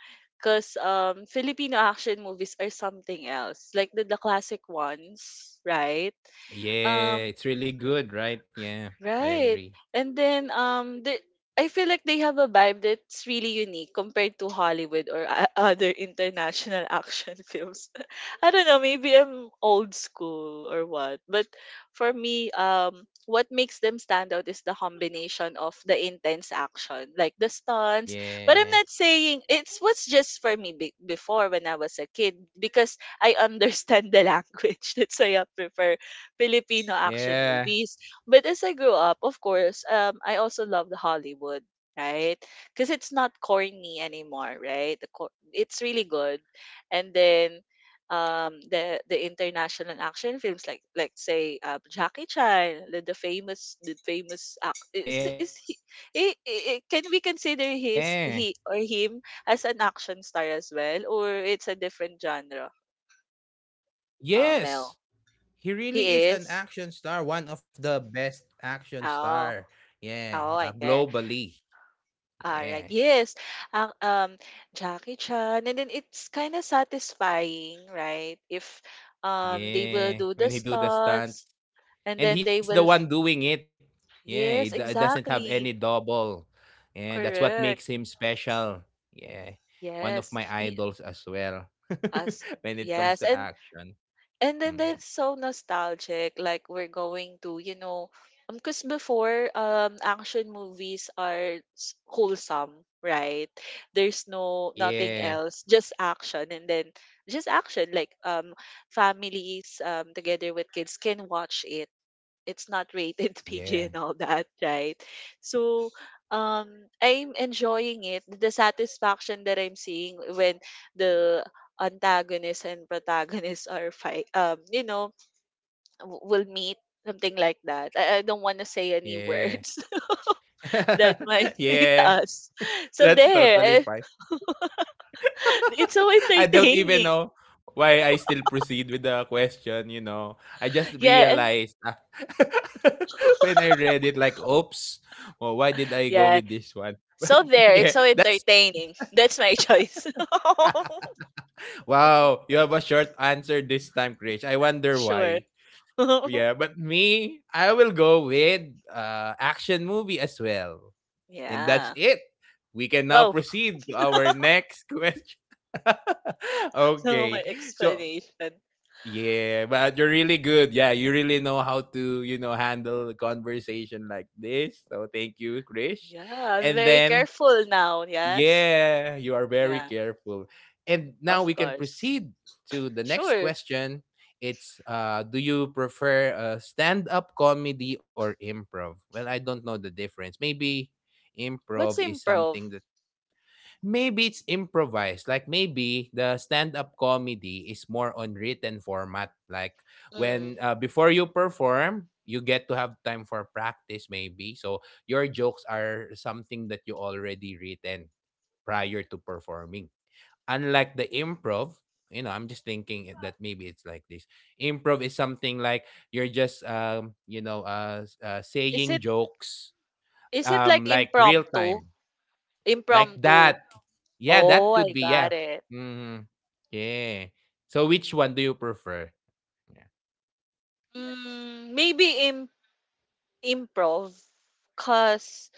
Speaker 2: Because um, Filipino action movies are something else, like the, the classic ones, right?
Speaker 1: Yeah,
Speaker 2: Um.
Speaker 1: it's really good, right? Yeah, I agree.
Speaker 2: Right. And then um the I feel like they have a vibe that's really unique compared to Hollywood or o- other international action films. I don't know, maybe I'm old school or what. But for me, um what makes them stand out is the combination of the intense action, like the stunts. But I'm
Speaker 1: Yeah.
Speaker 2: not saying it's what's just for me be- before, when I was a kid, because I understand the language. That's why I prefer Filipino action
Speaker 1: Yeah.
Speaker 2: movies. But as I grew up, of course, um, I also love the Hollywood, right? Because it's not corny anymore, right? The cor- it's really good. And then um, the the international action films like like say uh, Jackie Chan, the, the famous the famous ac- is is he,
Speaker 1: Yeah.
Speaker 2: I I can we consider his he or him as an action star as well, or it's a different genre? Uh, Mel,
Speaker 1: Yes. He really
Speaker 2: he
Speaker 1: is an
Speaker 2: is.
Speaker 1: action star, one of the best action
Speaker 2: Oh,
Speaker 1: star. Yeah,
Speaker 2: oh,
Speaker 1: uh,
Speaker 2: I.
Speaker 1: globally.
Speaker 2: Alright,
Speaker 1: Yeah.
Speaker 2: yes. Ang um, Jackie Chan, and then it's kind of satisfying, right? If um they will do
Speaker 1: Yeah,
Speaker 2: the
Speaker 1: when he do the
Speaker 2: stunts,
Speaker 1: stunts
Speaker 2: and then
Speaker 1: and
Speaker 2: they
Speaker 1: he's the
Speaker 2: will, f-
Speaker 1: one doing it. Yeah, he
Speaker 2: yes,
Speaker 1: do- doesn't have any
Speaker 2: exactly,
Speaker 1: double. Yeah, that's what makes
Speaker 2: correct,
Speaker 1: him special. Yeah. One of
Speaker 2: yes,
Speaker 1: my
Speaker 2: he,
Speaker 1: idols as well
Speaker 2: us,
Speaker 1: when it
Speaker 2: yes,
Speaker 1: comes to
Speaker 2: and
Speaker 1: action.
Speaker 2: And then
Speaker 1: Mm.
Speaker 2: that's so nostalgic. Like we're going to, you know, um, because before um action movies are s- wholesome, right? There's no nothing
Speaker 1: Yeah.
Speaker 2: else, just action, and then just action. Like um families um together with kids can watch it, it's not rated P G and
Speaker 1: Yeah.
Speaker 2: all that, right? So um I'm enjoying it. The satisfaction that I'm seeing when the antagonist and protagonist are fight um, you know, w- will meet something like that. I, I don't want to say any
Speaker 1: Yeah.
Speaker 2: words that might hit
Speaker 1: Yeah.
Speaker 2: us. So
Speaker 1: That's
Speaker 2: there, eh,
Speaker 1: totally fine.
Speaker 2: it's so
Speaker 1: I don't
Speaker 2: entertaining.
Speaker 1: even know why I still proceed with the question, you know. I just
Speaker 2: Yeah, and-
Speaker 1: realized ah, when I read it, like, oops, well, why did I go
Speaker 2: yeah.
Speaker 1: with this one? But
Speaker 2: So there, it's
Speaker 1: yeah,
Speaker 2: so
Speaker 1: that's
Speaker 2: entertaining. That's my choice.
Speaker 1: wow, you have a short answer this time, Krish. I wonder
Speaker 2: sure.
Speaker 1: why. Yeah, but me, I will go with uh, action movie as well. And that's
Speaker 2: Yeah.
Speaker 1: it. We can now
Speaker 2: Oh,
Speaker 1: proceed to our next question.
Speaker 2: no. My
Speaker 1: Okay. So
Speaker 2: explanation.
Speaker 1: yeah, but you're really good. Yeah, you really know how to, you know, handle a conversation like this. So thank you, Krish.
Speaker 2: Yeah, I'm
Speaker 1: And
Speaker 2: very
Speaker 1: then,
Speaker 2: careful now. Yes.
Speaker 1: yeah, you are very
Speaker 2: Yeah,
Speaker 1: careful. And now
Speaker 2: of
Speaker 1: we can
Speaker 2: course.
Speaker 1: proceed to the next
Speaker 2: Sure.
Speaker 1: question. It's uh do you prefer uh, stand-up comedy or improv? Well, I don't know the difference. Maybe improv
Speaker 2: What's
Speaker 1: is something
Speaker 2: improv?
Speaker 1: that maybe it's improvised. Like maybe the stand-up comedy is more on written format. Like
Speaker 2: Mm.
Speaker 1: when uh, before you perform, you get to have time for practice maybe. So your jokes are something that you already written prior to performing. Unlike the improv, you know, I'm just thinking it- that maybe it's like this. Improv is something like you're just um, you know, uh, s- uh
Speaker 2: Is
Speaker 1: saying
Speaker 2: it
Speaker 1: jokes
Speaker 2: is it
Speaker 1: um
Speaker 2: like
Speaker 1: like real
Speaker 2: impromptu?
Speaker 1: time. Like
Speaker 2: Impromptu.
Speaker 1: that yeah,
Speaker 2: Oh,
Speaker 1: that could
Speaker 2: I
Speaker 1: be, yeah.
Speaker 2: got it.
Speaker 1: Mhm. Yeah. So which one do you prefer? Yeah.
Speaker 2: Mm, maybe im improv, cause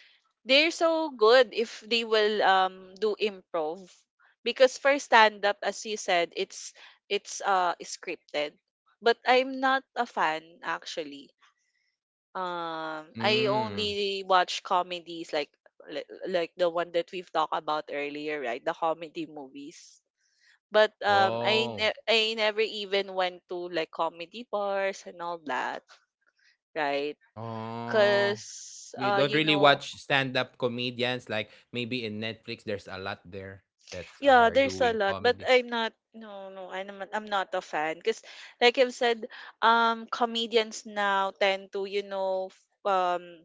Speaker 2: they're so good if they will um do improv. Because for stand up, as you said, it's it's uh scripted. But I'm not a fan, actually. um I
Speaker 1: Mm.
Speaker 2: only watch comedies, like li- like the one that we've talked about earlier, right? The comedy movies. But um i ne-
Speaker 1: Oh.
Speaker 2: I never even went to like comedy bars and all that, right?
Speaker 1: Oh.
Speaker 2: Because
Speaker 1: You
Speaker 2: uh
Speaker 1: don't
Speaker 2: you
Speaker 1: really
Speaker 2: know.
Speaker 1: watch stand-up comedians like maybe in Netflix there's a lot there that
Speaker 2: Yeah,
Speaker 1: are
Speaker 2: there's a
Speaker 1: doing
Speaker 2: lot, but
Speaker 1: comedy.
Speaker 2: I'm not. No, no, I'm not, I'm not a fan because, like I've said, um, comedians now tend to, you know, f- um,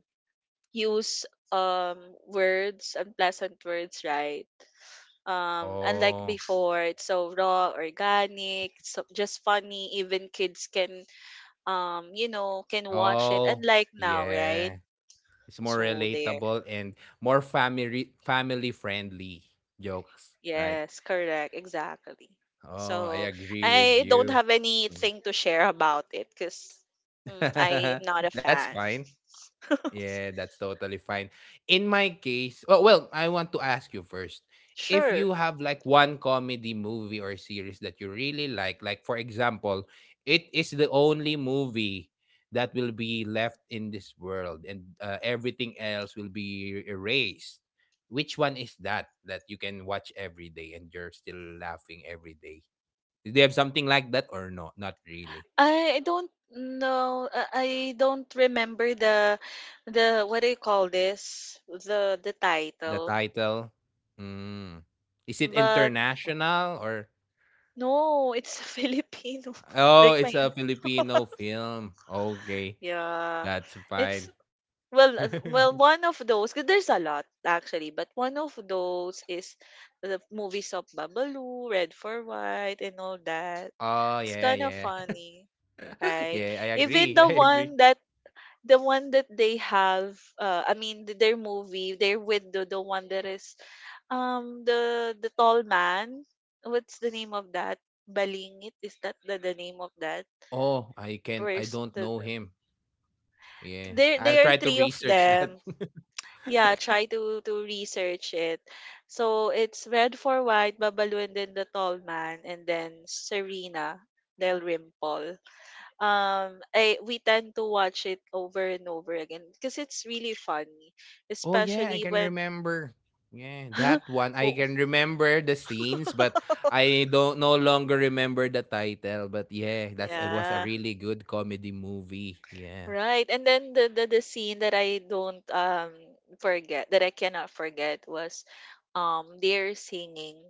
Speaker 2: use um words, unpleasant words, right? Um, unlike
Speaker 1: Oh.
Speaker 2: before, it's so raw, organic, so just funny. Even kids can, um, you know, can watch it.
Speaker 1: Oh.
Speaker 2: Unlike now, right?
Speaker 1: Yeah. It's more
Speaker 2: So there.
Speaker 1: relatable and more family family friendly jokes, right?
Speaker 2: Yes, correct. Exactly.
Speaker 1: Oh, I
Speaker 2: So
Speaker 1: agree with
Speaker 2: I don't
Speaker 1: you.
Speaker 2: have
Speaker 1: Mm.
Speaker 2: anything to share about it because I am not a
Speaker 1: That's
Speaker 2: fan.
Speaker 1: fine. Yeah, that's totally fine. In my case, oh, well, I want to ask you first. If
Speaker 2: Sure.
Speaker 1: you have like one comedy movie or series that you really like, like for example, it is the only movie that will be left in this world and uh, everything else will be erased. Which one is that that you can watch every day and you're still laughing every day? Do they have something like that or no? Not really.
Speaker 2: I don't know. uh, I don't remember the the what do you call this? The the
Speaker 1: The
Speaker 2: title.
Speaker 1: title? Mm. Is it
Speaker 2: But
Speaker 1: international or
Speaker 2: no, it's Filipino.
Speaker 1: oh,
Speaker 2: Like
Speaker 1: it's
Speaker 2: my
Speaker 1: a Filipino film. Okay,
Speaker 2: Yeah.
Speaker 1: that's
Speaker 2: It's,
Speaker 1: fine.
Speaker 2: Well, as- well, one of those, 'cause there's a lot actually, but one of those is the movies of Babalu, Red for White, and all that.
Speaker 1: Oh,
Speaker 2: It's
Speaker 1: yeah,
Speaker 2: kind of
Speaker 1: yeah.
Speaker 2: funny, right?
Speaker 1: Yeah, I
Speaker 2: Even
Speaker 1: agree.
Speaker 2: the
Speaker 1: I agree.
Speaker 2: one that the one that they have, uh, I mean, th- their movie, they're with the, the one that is, um, the the tall man. What's the name of that? Balingit is that the, the name of that
Speaker 1: Oh, I can't I
Speaker 2: person?
Speaker 1: don't
Speaker 2: The,
Speaker 1: know
Speaker 2: the,
Speaker 1: him. Yeah.
Speaker 2: there
Speaker 1: I'll try
Speaker 2: there are
Speaker 1: to
Speaker 2: three of
Speaker 1: research that.
Speaker 2: them. Yeah, try to to research it. So it's Red for White, Babalu, and then the Tall Man, and then Serena Del Rimple. Um, I we tend to watch it over and over again because it's really funny,
Speaker 1: Oh, yeah, I
Speaker 2: especially
Speaker 1: can
Speaker 2: when.
Speaker 1: remember. Yeah, that one. I
Speaker 2: Oh,
Speaker 1: can remember the scenes, but I don't no longer remember the title. But yeah, that's it was a
Speaker 2: yeah,
Speaker 1: really good comedy movie. Yeah.
Speaker 2: right. And then the, the the scene that I don't um forget that I cannot forget was, um, they're singing.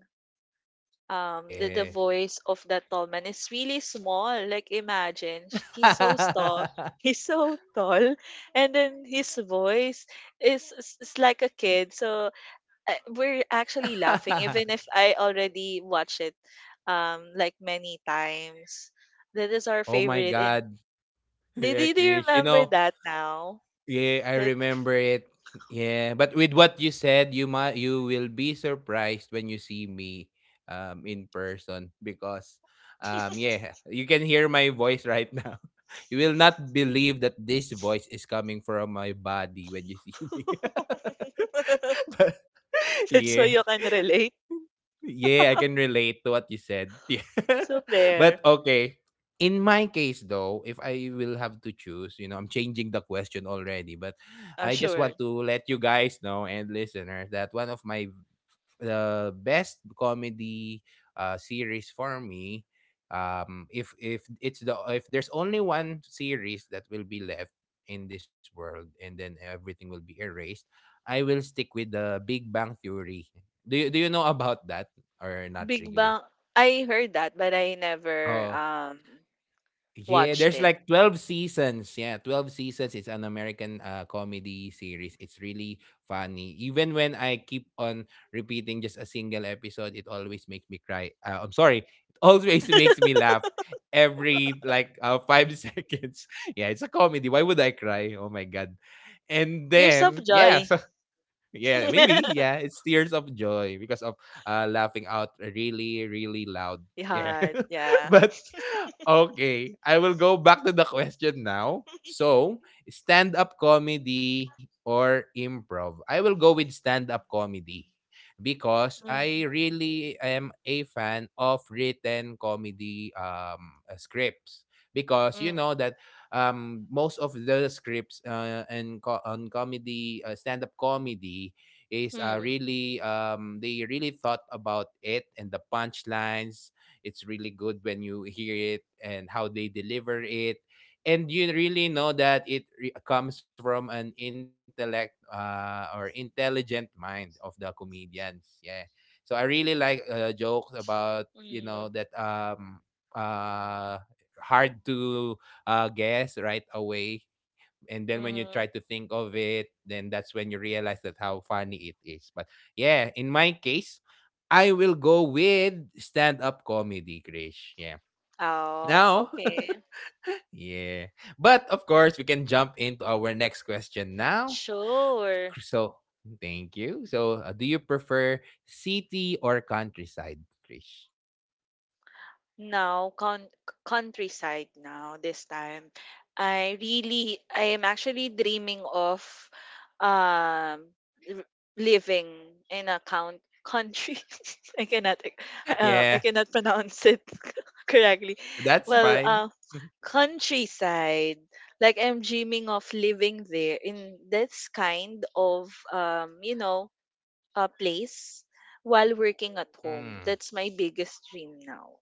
Speaker 2: um the, the
Speaker 1: Yeah.
Speaker 2: voice of that tall man is really small. Like imagine sh- he's so tall, he's so tall, and then his voice is, is, is like a kid. So uh, we're actually laughing, even if I already watched it um like many times. That is our
Speaker 1: Oh my
Speaker 2: favorite. And
Speaker 1: God.
Speaker 2: do,
Speaker 1: Yeah,
Speaker 2: do, do you
Speaker 1: Krish. You
Speaker 2: remember
Speaker 1: know,
Speaker 2: that now?
Speaker 1: yeah, I
Speaker 2: That
Speaker 1: remember it. Yeah, but with what you said, you might you will be surprised when you see me um in person because um yeah, you can hear my voice right now. You will not believe that this voice is coming from my body when you see me. But,
Speaker 2: that's so
Speaker 1: yeah.
Speaker 2: you can relate.
Speaker 1: Yeah, I can relate to what you said. Yeah.
Speaker 2: So
Speaker 1: But
Speaker 2: there,
Speaker 1: okay. In my case though, if I will have to choose, you know, I'm changing the question already, but
Speaker 2: uh,
Speaker 1: I just
Speaker 2: sure.
Speaker 1: want to let you guys know and listeners that one of my the best comedy uh, series for me um if if it's the if there's only one series that will be left in this world and then everything will be erased, I will stick with The Big Bang Theory. Do you do you know about that or not
Speaker 2: Big
Speaker 1: really?
Speaker 2: Bang, I heard that, but I never
Speaker 1: Oh,
Speaker 2: um
Speaker 1: yeah,
Speaker 2: watched
Speaker 1: there's
Speaker 2: it.
Speaker 1: like twelve seasons. Yeah, twelve seasons. It's an American uh, comedy series. It's really funny. Even when I keep on repeating just a single episode, it always makes me cry. Uh, I'm sorry. It always makes me laugh every like uh, five seconds. Yeah, it's a comedy. Why would I cry? Oh my God. And
Speaker 2: Tears of
Speaker 1: then, yeah,
Speaker 2: Joy.
Speaker 1: so yeah, maybe. Yeah, it's tears of joy because of uh, laughing out really, really loud. Yeah.
Speaker 2: yeah, yeah.
Speaker 1: but Okay, I will go back to the question now. So, stand up comedy or improv? I will go with stand up comedy because I
Speaker 2: Mm,
Speaker 1: really am a fan of written comedy um, uh, scripts because you know
Speaker 2: mm,
Speaker 1: that um most of the scripts uh, and co- on comedy uh, stand-up comedy is uh,
Speaker 2: mm,
Speaker 1: really um they really thought about it, and the punchlines, it's really good when you hear it and how they deliver it, and you really know that it re- comes from an intellect uh, or intelligent mind of the comedians. Yeah, so I really like uh, jokes about you
Speaker 2: mm,
Speaker 1: know that um uh hard to uh, guess right away. And then when you
Speaker 2: mm.
Speaker 1: try to think of it, then that's when you realize that how funny it is. But yeah, in my case, I will go with stand-up comedy, Krish. Yeah.
Speaker 2: Oh,
Speaker 1: Now,
Speaker 2: okay.
Speaker 1: yeah. But of course, we can jump into our next question now.
Speaker 2: Sure.
Speaker 1: So, thank you. So, uh, do you prefer city or countryside, Krish?
Speaker 2: Now, coun Countryside now this time. I really I am actually dreaming of um r- living in a count country. I cannot ex- uh, I
Speaker 1: yeah,
Speaker 2: cannot pronounce it correctly.
Speaker 1: that's
Speaker 2: Well,
Speaker 1: fine.
Speaker 2: uh countryside. Like I'm dreaming of living there in this kind of um you know, a place while working at home.
Speaker 1: Mm,
Speaker 2: That's my biggest dream now.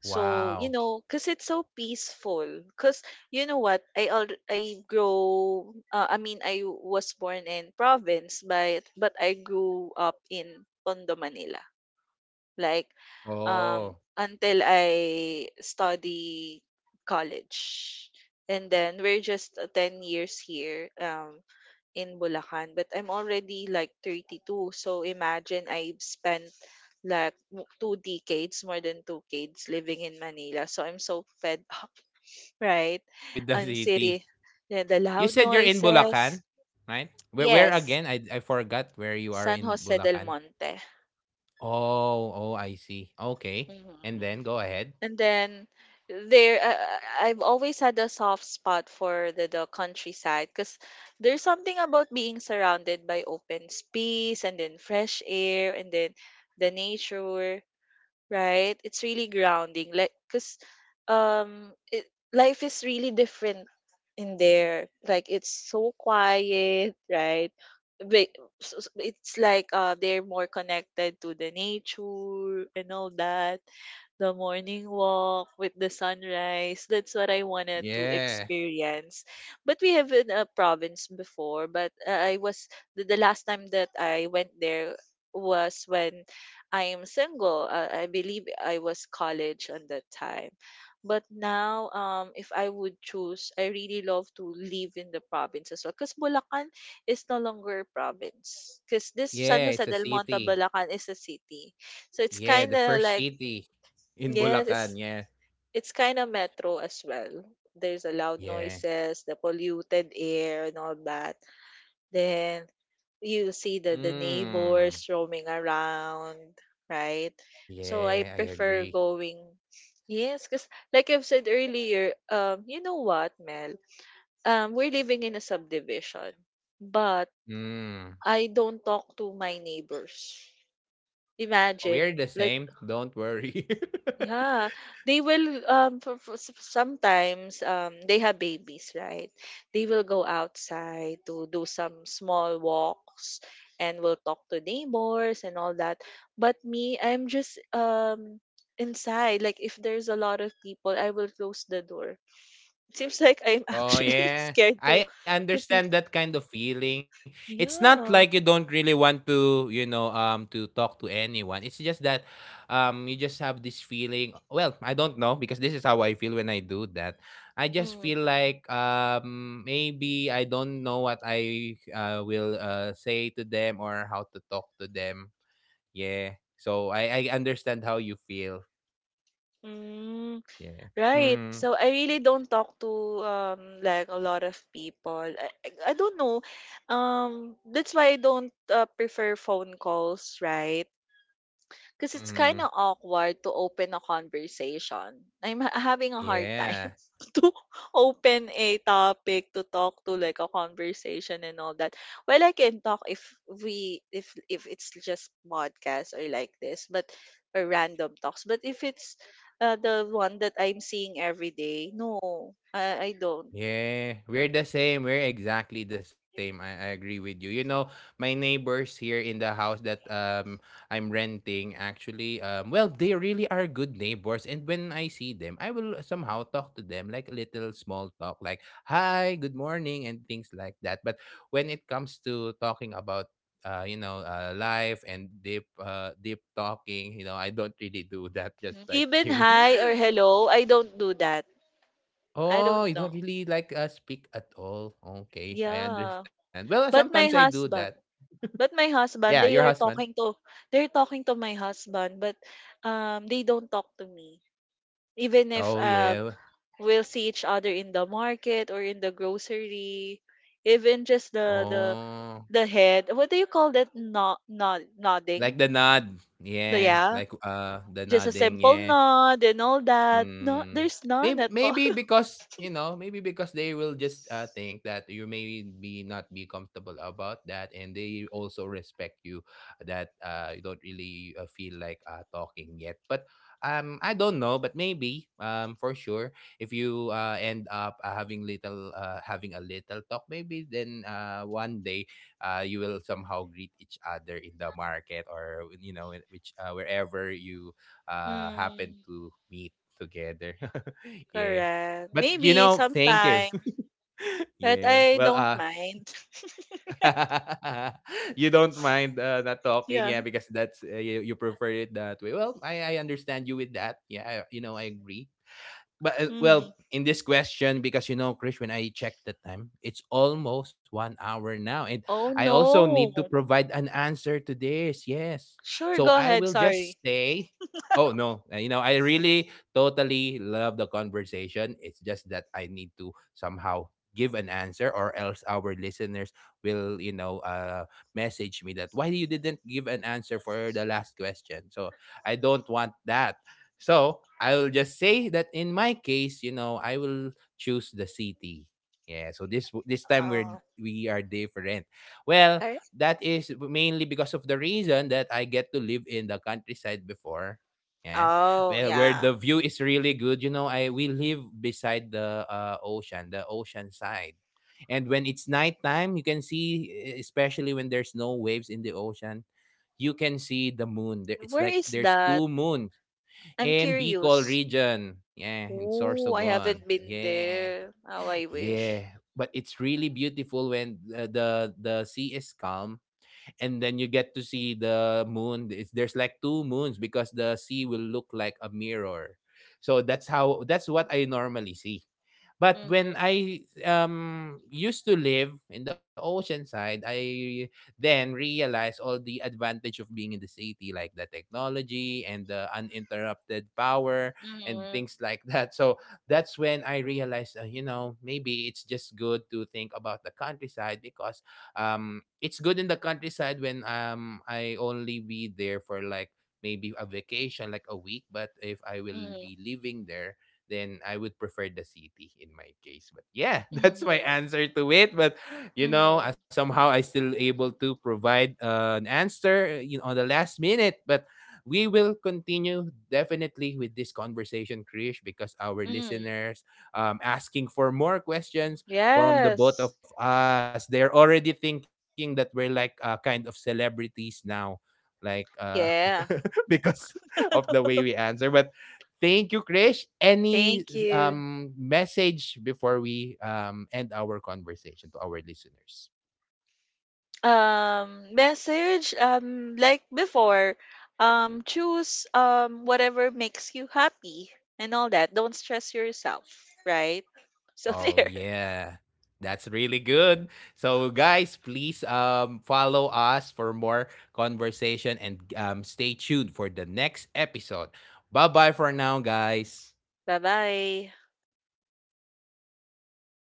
Speaker 2: So, you
Speaker 1: wow.
Speaker 2: know, because it's so peaceful. Because, you know what, I al I grow, uh, I mean, I was born in province, but, but I grew up in Tondo, Manila. Like, um,
Speaker 1: Oh,
Speaker 2: until I study college. And then we're just uh, ten years here. Um, in Bulacan, but I'm already like thirty-two. So imagine I've spent like w- two decades, more than two decades living in Manila. So I'm so fed up, right?
Speaker 1: with the
Speaker 2: On
Speaker 1: city.
Speaker 2: city, the, the
Speaker 1: You
Speaker 2: loud
Speaker 1: said you're in Bulacan,
Speaker 2: noises.
Speaker 1: right? Where, where
Speaker 2: Yes,
Speaker 1: again? I, I forgot where you are
Speaker 2: San
Speaker 1: in
Speaker 2: Jose del
Speaker 1: Bulacan.
Speaker 2: Monte.
Speaker 1: Oh, oh, I see. Okay. And
Speaker 2: Mhm.
Speaker 1: then go ahead.
Speaker 2: And then there, uh, uh, I've always had a soft spot for the, the countryside because there's something about being surrounded by open space and then fresh air and then the nature, right? It's really grounding. Like, cause um, it, life is really different in there. Like, it's so quiet, right? But s- s- it's like uh, they're more connected to the nature and all that. The morning walk with the sunrise. That's what I wanted to
Speaker 1: Yeah.
Speaker 2: experience. But we have in a province before. But uh, I was the, the last time that I went there was when I am single. Uh, I believe I was college at that time. But now, um, if I would choose, I really love to live in the province as well. Because Bulacan is no longer a province. Because this San
Speaker 1: Yeah,
Speaker 2: Jose
Speaker 1: it's a
Speaker 2: del Monte,
Speaker 1: city.
Speaker 2: Bulacan is a city. So it's
Speaker 1: Yeah,
Speaker 2: kind
Speaker 1: the
Speaker 2: of
Speaker 1: first
Speaker 2: like,
Speaker 1: city in
Speaker 2: yes, it's,
Speaker 1: Bulacan. Yeah.
Speaker 2: it's kind of metro as well. There's a loud
Speaker 1: Yeah.
Speaker 2: noises, the polluted air and all that. Then you see the the
Speaker 1: Mm.
Speaker 2: neighbors roaming around, right? So I
Speaker 1: Yeah, I
Speaker 2: prefer
Speaker 1: agree.
Speaker 2: going Yes, because like I've said earlier, um, you know what, Mel? Um, we're living in a subdivision, but
Speaker 1: Mm.
Speaker 2: I don't talk to my neighbors.
Speaker 1: Oh,
Speaker 2: Imagine,
Speaker 1: we're the
Speaker 2: let
Speaker 1: same. Don't worry.
Speaker 2: Yeah, they will um for, for s- sometimes um they have babies, right? They will go outside to do some small walks and will talk to neighbors and all that. But me, I'm just um inside. Like if there's a lot of people, I will close the door. It seems like I'm actually
Speaker 1: Oh
Speaker 2: scared
Speaker 1: yeah.
Speaker 2: to
Speaker 1: I
Speaker 2: to people.
Speaker 1: understand that kind of feeling. It's not
Speaker 2: Yeah.
Speaker 1: like you don't really want to, you know, um to talk to anyone. It's just that um you just have this feeling. Well, I don't know, because this is how I feel when I do that. I just
Speaker 2: Mm.
Speaker 1: feel like um maybe I don't know what I uh, will uh, say to them or how to talk to them. Yeah. So I I understand how you feel.
Speaker 2: Mm.
Speaker 1: Yeah.
Speaker 2: Right.
Speaker 1: Mm.
Speaker 2: So I really don't talk to um like a lot of people. I, I I don't know. Um, that's why I don't uh, prefer phone calls, right? Because it's kind
Speaker 1: Mhm.
Speaker 2: of awkward to open a conversation. I'm ha- having a hard time
Speaker 1: Yeah.
Speaker 2: to open a topic to talk to, like a conversation and all that. Well, I can talk if we if if it's just podcasts or like this, but or random talks. But if it's uh, the one that I'm seeing every day, no, I, I don't.
Speaker 1: Yeah, we're the same. We're exactly the same. I, I agree with you. You know, my neighbors here in the house that um I'm renting, actually, um well, they really are good neighbors, and when I see them I will somehow talk to them, like a little small talk like hi, good morning, and things like that. But when it comes to talking about uh, you know, uh, life and deep, uh, deep talking, you know, I don't really do that, just
Speaker 2: Even
Speaker 1: like you.
Speaker 2: hi or hello, I don't do that. I don't
Speaker 1: Oh, you
Speaker 2: know.
Speaker 1: don't really like, uh, speak at all. Okay, I
Speaker 2: Yeah.
Speaker 1: understand. Well,
Speaker 2: But my
Speaker 1: sometimes I do
Speaker 2: husband.
Speaker 1: that.
Speaker 2: But my husband,
Speaker 1: Yeah,
Speaker 2: they
Speaker 1: your
Speaker 2: are
Speaker 1: husband?
Speaker 2: talking to they're talking to my husband, but um they don't talk to me. Even if
Speaker 1: Oh,
Speaker 2: uh,
Speaker 1: yeah.
Speaker 2: we'll see each other in the market or in the grocery, even just the the
Speaker 1: Oh,
Speaker 2: the head. What do you call that? Nod, nod,
Speaker 1: like
Speaker 2: nodding.
Speaker 1: the nod.
Speaker 2: The-
Speaker 1: Yeah,
Speaker 2: Yeah,
Speaker 1: like, uh, the
Speaker 2: just a
Speaker 1: nodding,
Speaker 2: simple
Speaker 1: yeah.
Speaker 2: nod and all that. No,
Speaker 1: Mm,
Speaker 2: there's none
Speaker 1: maybe,
Speaker 2: at all.
Speaker 1: maybe because you know maybe because they will just uh, think that you may be not be comfortable about that, and they also respect you, that uh, you don't really uh, feel like uh, talking yet. But um I don't know, but maybe, um for sure, if you uh, end up uh, having little uh, having a little talk, maybe then uh, one day uh, you will somehow greet each other in the market, or, you know, in which, uh, wherever you uh happen
Speaker 2: Mm,
Speaker 1: to meet together. yeah.
Speaker 2: correct.
Speaker 1: But you
Speaker 2: Maybe
Speaker 1: know, thank you.
Speaker 2: sometime, but
Speaker 1: yeah.
Speaker 2: I
Speaker 1: Well,
Speaker 2: don't
Speaker 1: uh
Speaker 2: mind.
Speaker 1: you don't mind uh, not talking,
Speaker 2: Yeah.
Speaker 1: yeah, because that's uh, you, you prefer it that way. Well, I I understand you with that. Yeah, I, you know, I agree. But uh,
Speaker 2: Hmm.
Speaker 1: well, in this question, because, you know, Krish, when I checked the time, it's almost one hour now, and
Speaker 2: Oh
Speaker 1: I also need to
Speaker 2: no.
Speaker 1: provide an answer to this, yes.
Speaker 2: Sure,
Speaker 1: So
Speaker 2: go
Speaker 1: I
Speaker 2: ahead.
Speaker 1: will just
Speaker 2: Sorry.
Speaker 1: say, oh no, uh, you know, I really totally love the conversation, it's just that I need to somehow give an answer, or else our listeners will, you know, uh message me that why you didn't give an answer for the last question. So I don't want that. So I will just say that in my case, you know, I will choose the city. Yeah, so this w- this time we're,
Speaker 2: Oh,
Speaker 1: we are different. Well,
Speaker 2: correct?
Speaker 1: that is mainly because of the reason that I get to live in the countryside before. Yeah,
Speaker 2: Oh,
Speaker 1: well, where
Speaker 2: yeah.
Speaker 1: the view is really good. You know, I we live beside the uh, ocean, the ocean side. And when it's nighttime, you can see, e- especially when there's no waves in the ocean, you can see the moon. There- It's
Speaker 2: Where
Speaker 1: like
Speaker 2: is
Speaker 1: there's
Speaker 2: that?
Speaker 1: two moons,
Speaker 2: I'm
Speaker 1: and Bicol
Speaker 2: curious.
Speaker 1: region. Yeah, in
Speaker 2: Oh, I
Speaker 1: Sorsogon.
Speaker 2: haven't been
Speaker 1: Yeah.
Speaker 2: there. How I wish.
Speaker 1: Yeah, but it's really beautiful when uh, the the sea is calm and then you get to see the moon. It's, there's like two moons because the sea will look like a mirror. So that's how that's what I normally see. But when
Speaker 2: Mm-hmm.
Speaker 1: I um used to live in the ocean side, I then realized all the advantage of being in the city, like the technology and the uninterrupted power and
Speaker 2: Mm-hmm.
Speaker 1: things like that. So that's when I realized, uh, you know, maybe it's just good to think about the countryside, because um it's good in the countryside when, um I only be there for like maybe a vacation, like a week, but if I will
Speaker 2: Mm-hmm.
Speaker 1: be living there, then I would prefer the city in my case. But yeah, that's my
Speaker 2: Mm-hmm.
Speaker 1: answer to it. But you know, uh,
Speaker 2: Mm-hmm.
Speaker 1: somehow I still able to provide uh, an answer, uh, you know, on the last minute. But we will continue definitely with this conversation, Krish, because our
Speaker 2: Mm-hmm.
Speaker 1: listeners um asking for more questions from the
Speaker 2: Yes.
Speaker 1: both of us. They're already thinking that we're like uh, kind of celebrities now. Like uh because,
Speaker 2: Yeah.
Speaker 1: because of the way we answer. But thank you, Krish. Any
Speaker 2: Thank you.
Speaker 1: um, message before we um, end our conversation to our listeners?
Speaker 2: Um, message, um, like before, um, choose um whatever makes you happy and all that. Don't stress yourself, right? So
Speaker 1: Oh
Speaker 2: there.
Speaker 1: yeah. That's really good. So guys, please um follow us for more conversation, and um stay tuned for the next episode. Bye-bye for now, guys.
Speaker 2: Bye-bye.